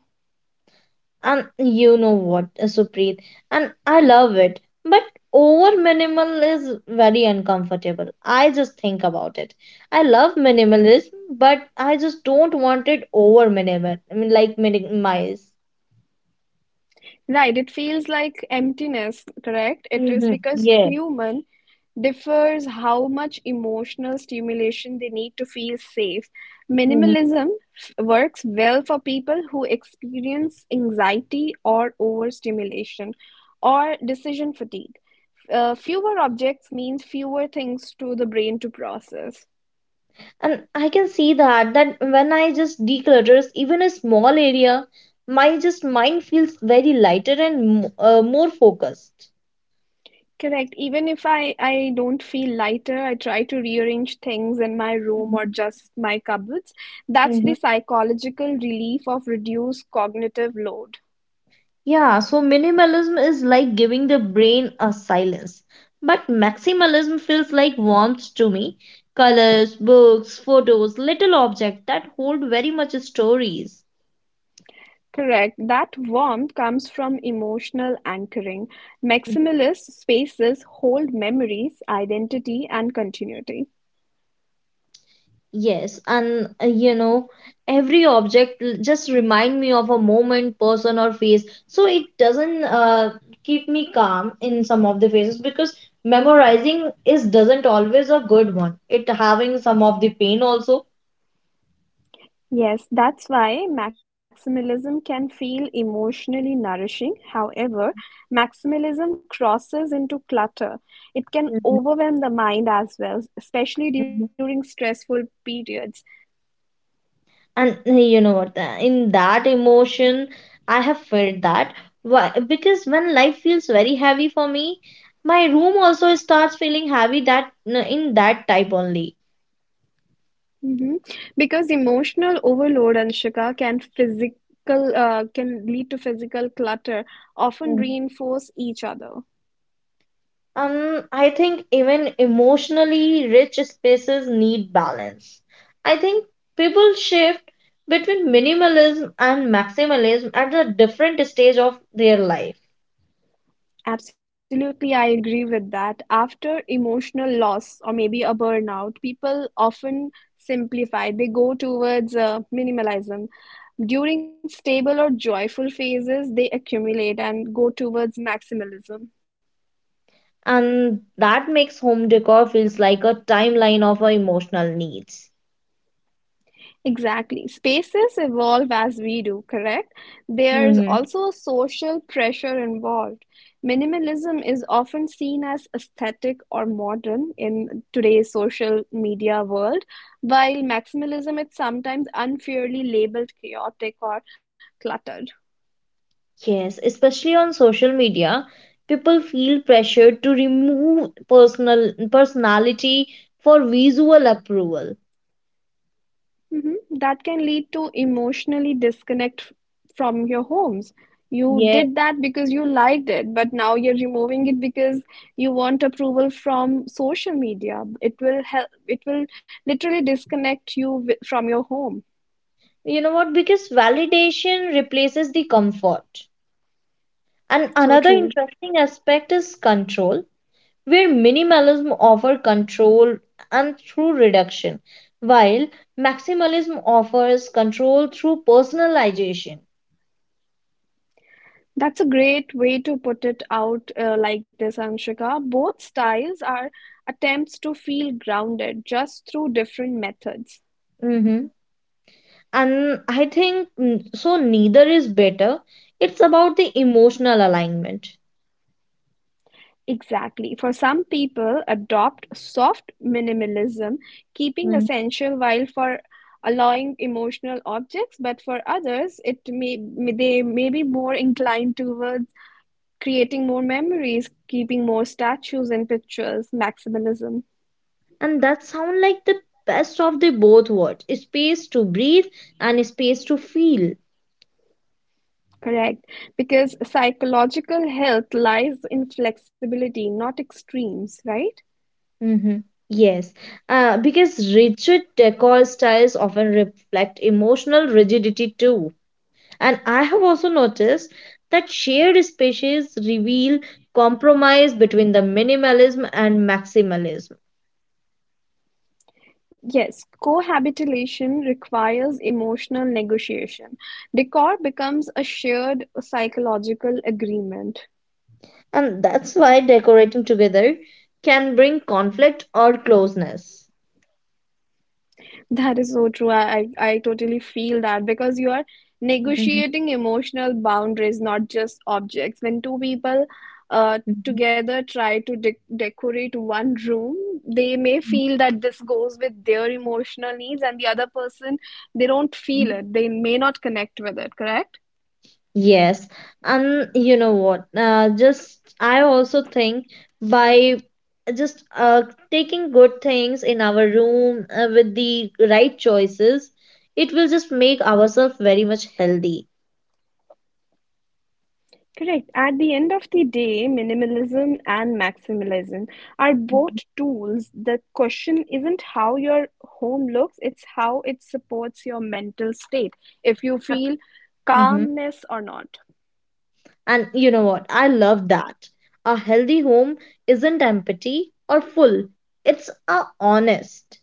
Speaker 2: And you know what, Supreet, and I love it, but over minimal is very uncomfortable. I just think about it. I love minimalism, but I just don't want it over minimal. I mean, like minimize.
Speaker 1: Right, it feels like emptiness, correct? It is
Speaker 2: Hmm.
Speaker 1: because
Speaker 2: Yeah.
Speaker 1: human differs how much emotional stimulation they need to feel safe.
Speaker 2: Hmm.
Speaker 1: Minimalism works well for people who experience anxiety or overstimulation or decision fatigue. Fewer objects means fewer things to the brain to process.
Speaker 2: And I can see that that when I just declutters even a small area, my just mind feels very lighter and more focused.
Speaker 1: Correct. Even if I don't feel lighter, I try to rearrange things in my room or just my cupboards. That's the psychological relief of reduced cognitive load.
Speaker 2: Yeah, so minimalism is like giving the brain a silence. But maximalism feels like warmth to me. Colors, books, photos, little objects that hold very much stories.
Speaker 1: Correct. That warmth comes from emotional anchoring. Maximalist spaces hold memories, identity, and continuity.
Speaker 2: Yes, and you know, every just remind me of a moment, person or face. So it doesn't keep me calm in some of the phases because memorizing is doesn't always a good one. It having some of the pain also.
Speaker 1: Yes, that's why maximalism can feel emotionally nourishing. However, maximalism crosses into clutter. It can overwhelm the mind as well, especially
Speaker 2: Mhm.
Speaker 1: during stressful periods.
Speaker 2: And you know what in that emotion I have felt that why because when life feels very heavy for me my room also starts feeling heavy that in that type only.
Speaker 1: hmm Because emotional overload, Anshika, can physical can lead to physical clutter, often
Speaker 2: Mm.
Speaker 1: reinforce each other.
Speaker 2: I think even emotionally rich spaces need balance. I think people shift between minimalism and maximalism at a different stage of their life.
Speaker 1: Absolutely, I agree with that. After emotional loss or maybe a burnout, people often simplify. They go towards minimalism. During stable or joyful phases, they accumulate and go towards maximalism.
Speaker 2: And that makes home decor feels like a timeline of our emotional needs.
Speaker 1: Exactly. Spaces evolve as we do, correct? There's
Speaker 2: Hmm.
Speaker 1: also a social pressure involved. Minimalism is often seen as aesthetic or modern in today's social media world, while maximalism is sometimes unfairly labeled chaotic or cluttered.
Speaker 2: Yes, especially on social media, people feel pressured to remove personality for visual approval.
Speaker 1: Mhm. That can lead to emotionally from your homes. You
Speaker 2: Yeah,
Speaker 1: did that because you liked it, but now you're removing it because you want approval from social media. It will help, it will literally disconnect from your home.
Speaker 2: you know what? Because validation replaces the comfort. And
Speaker 1: So
Speaker 2: another
Speaker 1: true.
Speaker 2: interesting aspect is control, where minimalism offers control and through reduction, while maximalism offers control through personalization.
Speaker 1: That's a great way to put it out like this, Anshika. Both styles are attempts to feel grounded just through different methods.
Speaker 2: Mm-hmm. And I think mm, so neither is better, it's about the emotional alignment.
Speaker 1: Exactly. For some people, adopt soft minimalism, keeping
Speaker 2: Mm.
Speaker 1: essential while for allowing emotional objects, but for others, it may they may be more inclined towards creating more memories, keeping more statues and pictures, maximalism.
Speaker 2: And that sound like the best of the both worlds, space to breathe and space to feel.
Speaker 1: Correct. Because psychological health lies in flexibility, not extremes, right?
Speaker 2: Mm-hmm. Yes, because rigid decor styles often reflect emotional rigidity too. And I have also noticed that shared spaces reveal compromise between the minimalism and maximalism.
Speaker 1: Yes, cohabitation requires emotional negotiation. Decor becomes a shared psychological agreement.
Speaker 2: And that's why decorating together can bring conflict or closeness.
Speaker 1: That is so true. I totally feel that because you are
Speaker 2: Mhm,
Speaker 1: negotiating emotional boundaries, not just objects. When two people uh,
Speaker 2: mhm,
Speaker 1: together try to de decorate one room, they may feel that this goes with their emotional needs, and the other person, they don't
Speaker 2: mhm.
Speaker 1: feel it. They may not connect with it, correct?
Speaker 2: Yes, and you know what? Just I also think by just taking good things in our room with the right choices, it will just make ourselves very much healthy.
Speaker 1: Correct. At the end of the day, minimalism and maximalism are both
Speaker 2: Mhm.
Speaker 1: tools. The question isn't how your home looks, it's how it supports your mental state, if you feel
Speaker 2: Mhm.
Speaker 1: calmness or not.
Speaker 2: And you know what? I love that. A healthy home isn't empty or full. It's a honest.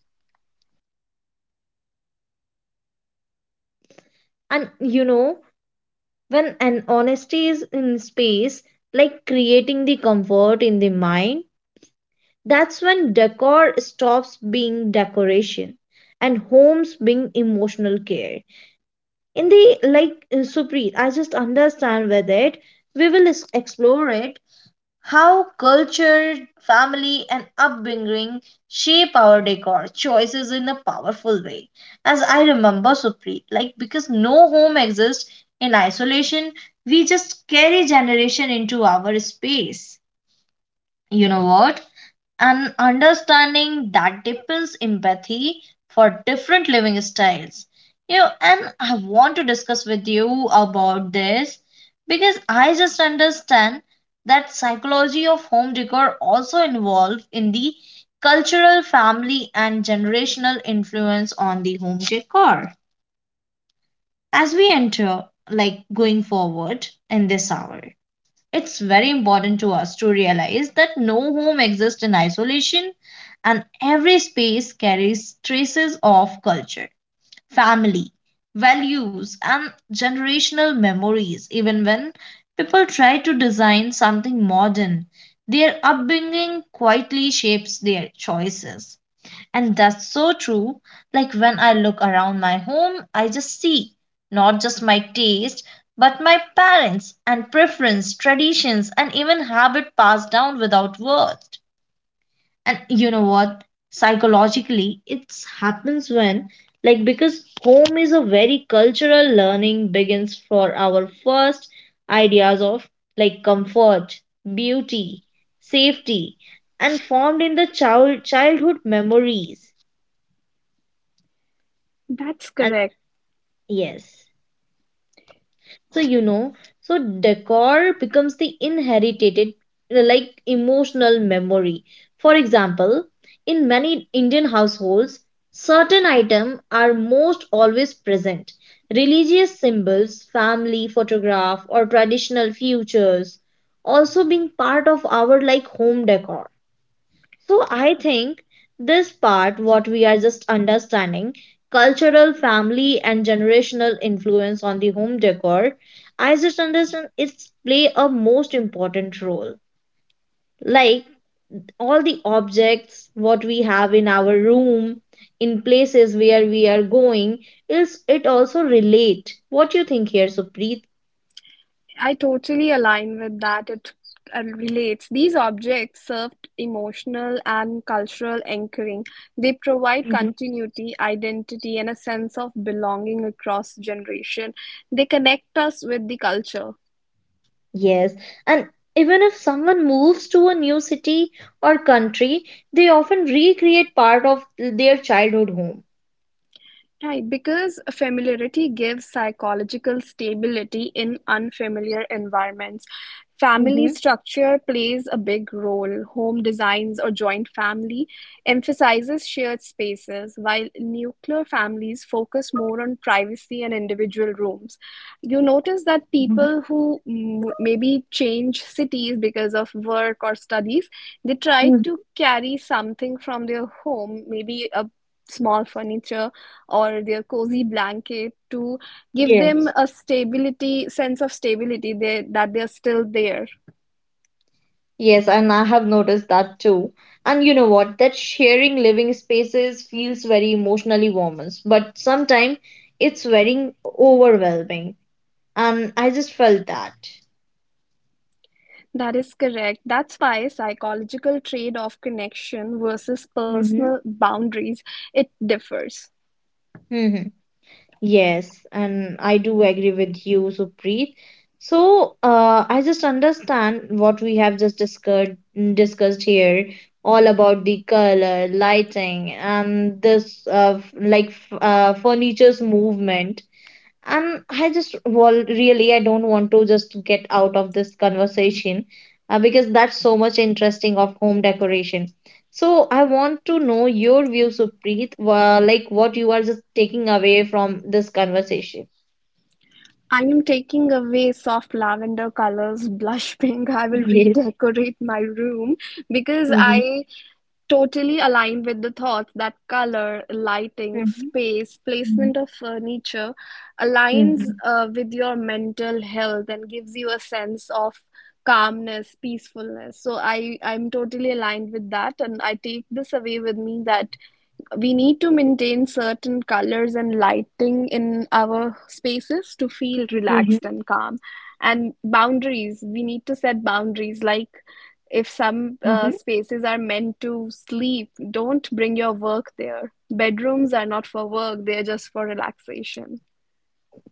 Speaker 1: Correct. And honesty in space
Speaker 2: And
Speaker 1: creates
Speaker 2: you
Speaker 1: comfort
Speaker 2: know,
Speaker 1: in the mind.
Speaker 2: when an honesty is in space, like creating the comfort in the mind,
Speaker 1: That's when
Speaker 2: that's
Speaker 1: decor
Speaker 2: when
Speaker 1: stops
Speaker 2: decor
Speaker 1: being
Speaker 2: stops
Speaker 1: decoration
Speaker 2: being
Speaker 1: and
Speaker 2: decoration
Speaker 1: becomes
Speaker 2: and
Speaker 1: emotional
Speaker 2: homes
Speaker 1: care.
Speaker 2: being emotional care. In the like Supreet, I just understand with it. We will explore it how culture, family, and upbringing shape our decor choices in a powerful way. As I remember, Supreet, like because no home exists in isolation, we just carry generation into our space. You know what? And understanding that deepens empathy for different living styles. You know, and I want to discuss with you about this because I just understand that psychology of home decor also involved in the cultural, family, and generational influence on the home decor. As we enter, like going forward in this hour. It's very important to us to realize that no home exists in isolation and every space carries traces of culture, family, values, and generational memories. Even when people try to design something modern, their upbringing quietly shapes their choices. And that's so true. Like when I look around my home, I just see not just my taste, but my parents and preference, traditions, and even habit passed down without words. And you know what? Psychologically, it happens when, like, because home is a very cultural learning begins for our first ideas of like comfort, beauty, safety, and formed in the childhood memories.
Speaker 1: That's correct.
Speaker 2: Yes. So you know, so decor becomes the inherited like emotional memory. For example, in many Indian households, certain items are most always present. Religious symbols, family photograph or traditional features also being part of our like home decor, so I think this part, what we are just understanding, cultural, family, and generational influence on the home decor, I just understand it's play a most important role. Like all the objects what we have in our room, in places where we are going, is it also relate? What you think here, Supreet?
Speaker 1: I totally align with that. It relates. These objects serve emotional and cultural anchoring. They provide continuity, identity, and a sense of belonging across generation. They connect us with the culture.
Speaker 2: Yes, and even if someone moves to a new city or country, they often recreate part of their childhood home.
Speaker 1: Right, because familiarity gives psychological stability in unfamiliar environments. Family
Speaker 2: Mm-hmm.
Speaker 1: structure plays a big role. Home designs or joint family emphasizes shared spaces, while nuclear families focus more on privacy and individual rooms. You notice that
Speaker 2: Mhm.
Speaker 1: people who maybe change cities because of work or studies, they try
Speaker 2: Mm.
Speaker 1: to carry something from their home, maybe a small furniture or their cozy blanket to give them
Speaker 2: Yes.
Speaker 1: a sense of stability that they're still there.
Speaker 2: Yes, and I have noticed that too. And you know what? That sharing living spaces feels very emotionally warm, but sometimes it's very overwhelming. And I just felt that.
Speaker 1: That is correct. That's why psychological trade of connection versus
Speaker 2: Mm-hmm.
Speaker 1: personal boundaries, it differs.
Speaker 2: Mm-hmm. Yes, and I do agree with you, Supreet. So, I just understand what we have just discussed here, all about the color, lighting, and this like furniture's movement, and I just, well, really I don't want to just get out of this conversation, because that's so much interesting of home decoration, so I want to know your views, Supreet, like what you are just taking away from this conversation.
Speaker 1: I am taking away soft lavender colors, blush pink. I will
Speaker 2: Yes.
Speaker 1: redecorate my room because
Speaker 2: Mm-hmm.
Speaker 1: I totally aligned with the thoughts that color, lighting, space,
Speaker 2: Mm-hmm.
Speaker 1: placement of furniture aligns
Speaker 2: Mm-hmm.
Speaker 1: with your mental health and gives you a sense of calmness, peacefulness. So I'm totally aligned with that, and I take this away with me that we need to maintain certain colors and lighting in our spaces to feel relaxed and calm. And boundaries, we need to set boundaries like if some
Speaker 2: Mm-hmm.
Speaker 1: spaces are meant to sleep, don't bring your work there. Bedrooms are not for work, they're just for relaxation.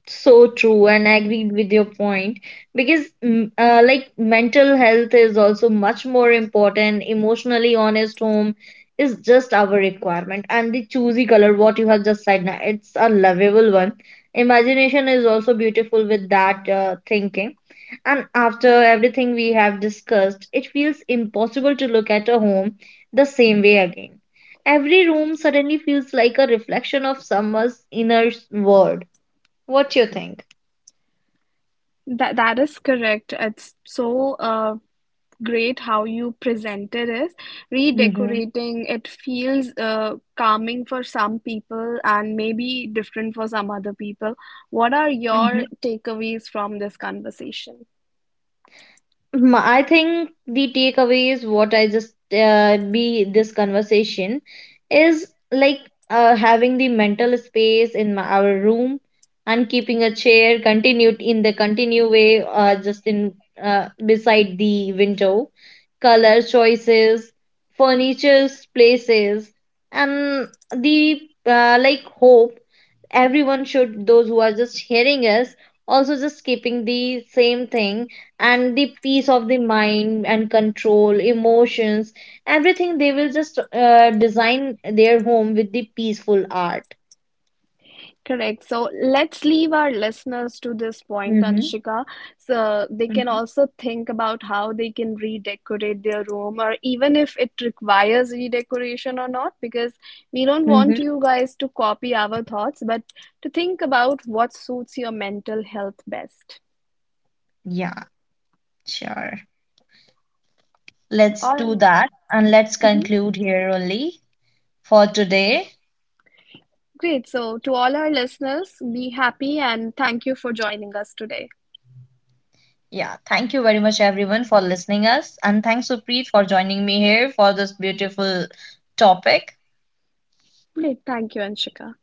Speaker 2: So true, and I agreed with your point, because mm, like mental health is also much more important, emotionally honest home is just our requirement, and the choosy color what you have just said now, it's a lovable one. Imagination is also beautiful with that thinking. And after everything we have discussed, it feels impossible to look at a home the same way again. Every room suddenly feels like a reflection of someone's inner world. What you think?
Speaker 1: That is correct. It's so great how you presented is
Speaker 2: Mm-hmm.
Speaker 1: redecorating. It feels calming for some people and maybe different for some other people. What are your takeaways from this conversation?
Speaker 2: Mm, I think the takeaway is what I just be this conversation is like having the mental space in our room, and keeping a chair continued in the continue way just in beside the window, color choices, furnitures places, and the like hope everyone should, those who are just hearing us, also just keeping the same thing, and the peace of the mind and control emotions, everything, they will just design their home with the peaceful art.
Speaker 1: Correct. So let's leave our listeners to this point,
Speaker 2: Mm-hmm.
Speaker 1: Anshika, so they can
Speaker 2: Mm-hmm.
Speaker 1: also think about how they can redecorate their room or even if it requires redecoration or not, because we don't want
Speaker 2: Hmm.
Speaker 1: you guys to copy our thoughts, but to think about what suits your mental health best.
Speaker 2: Yeah, sure. Let's
Speaker 1: All
Speaker 2: do
Speaker 1: right.
Speaker 2: that and let's conclude here only for today.
Speaker 1: Great. So to all our listeners, be happy and thank you for joining us today.
Speaker 2: Yeah, thank you very much everyone for listening us, and thanks Supreet for joining me here for this beautiful topic.
Speaker 1: Great. Thank you, Anshika.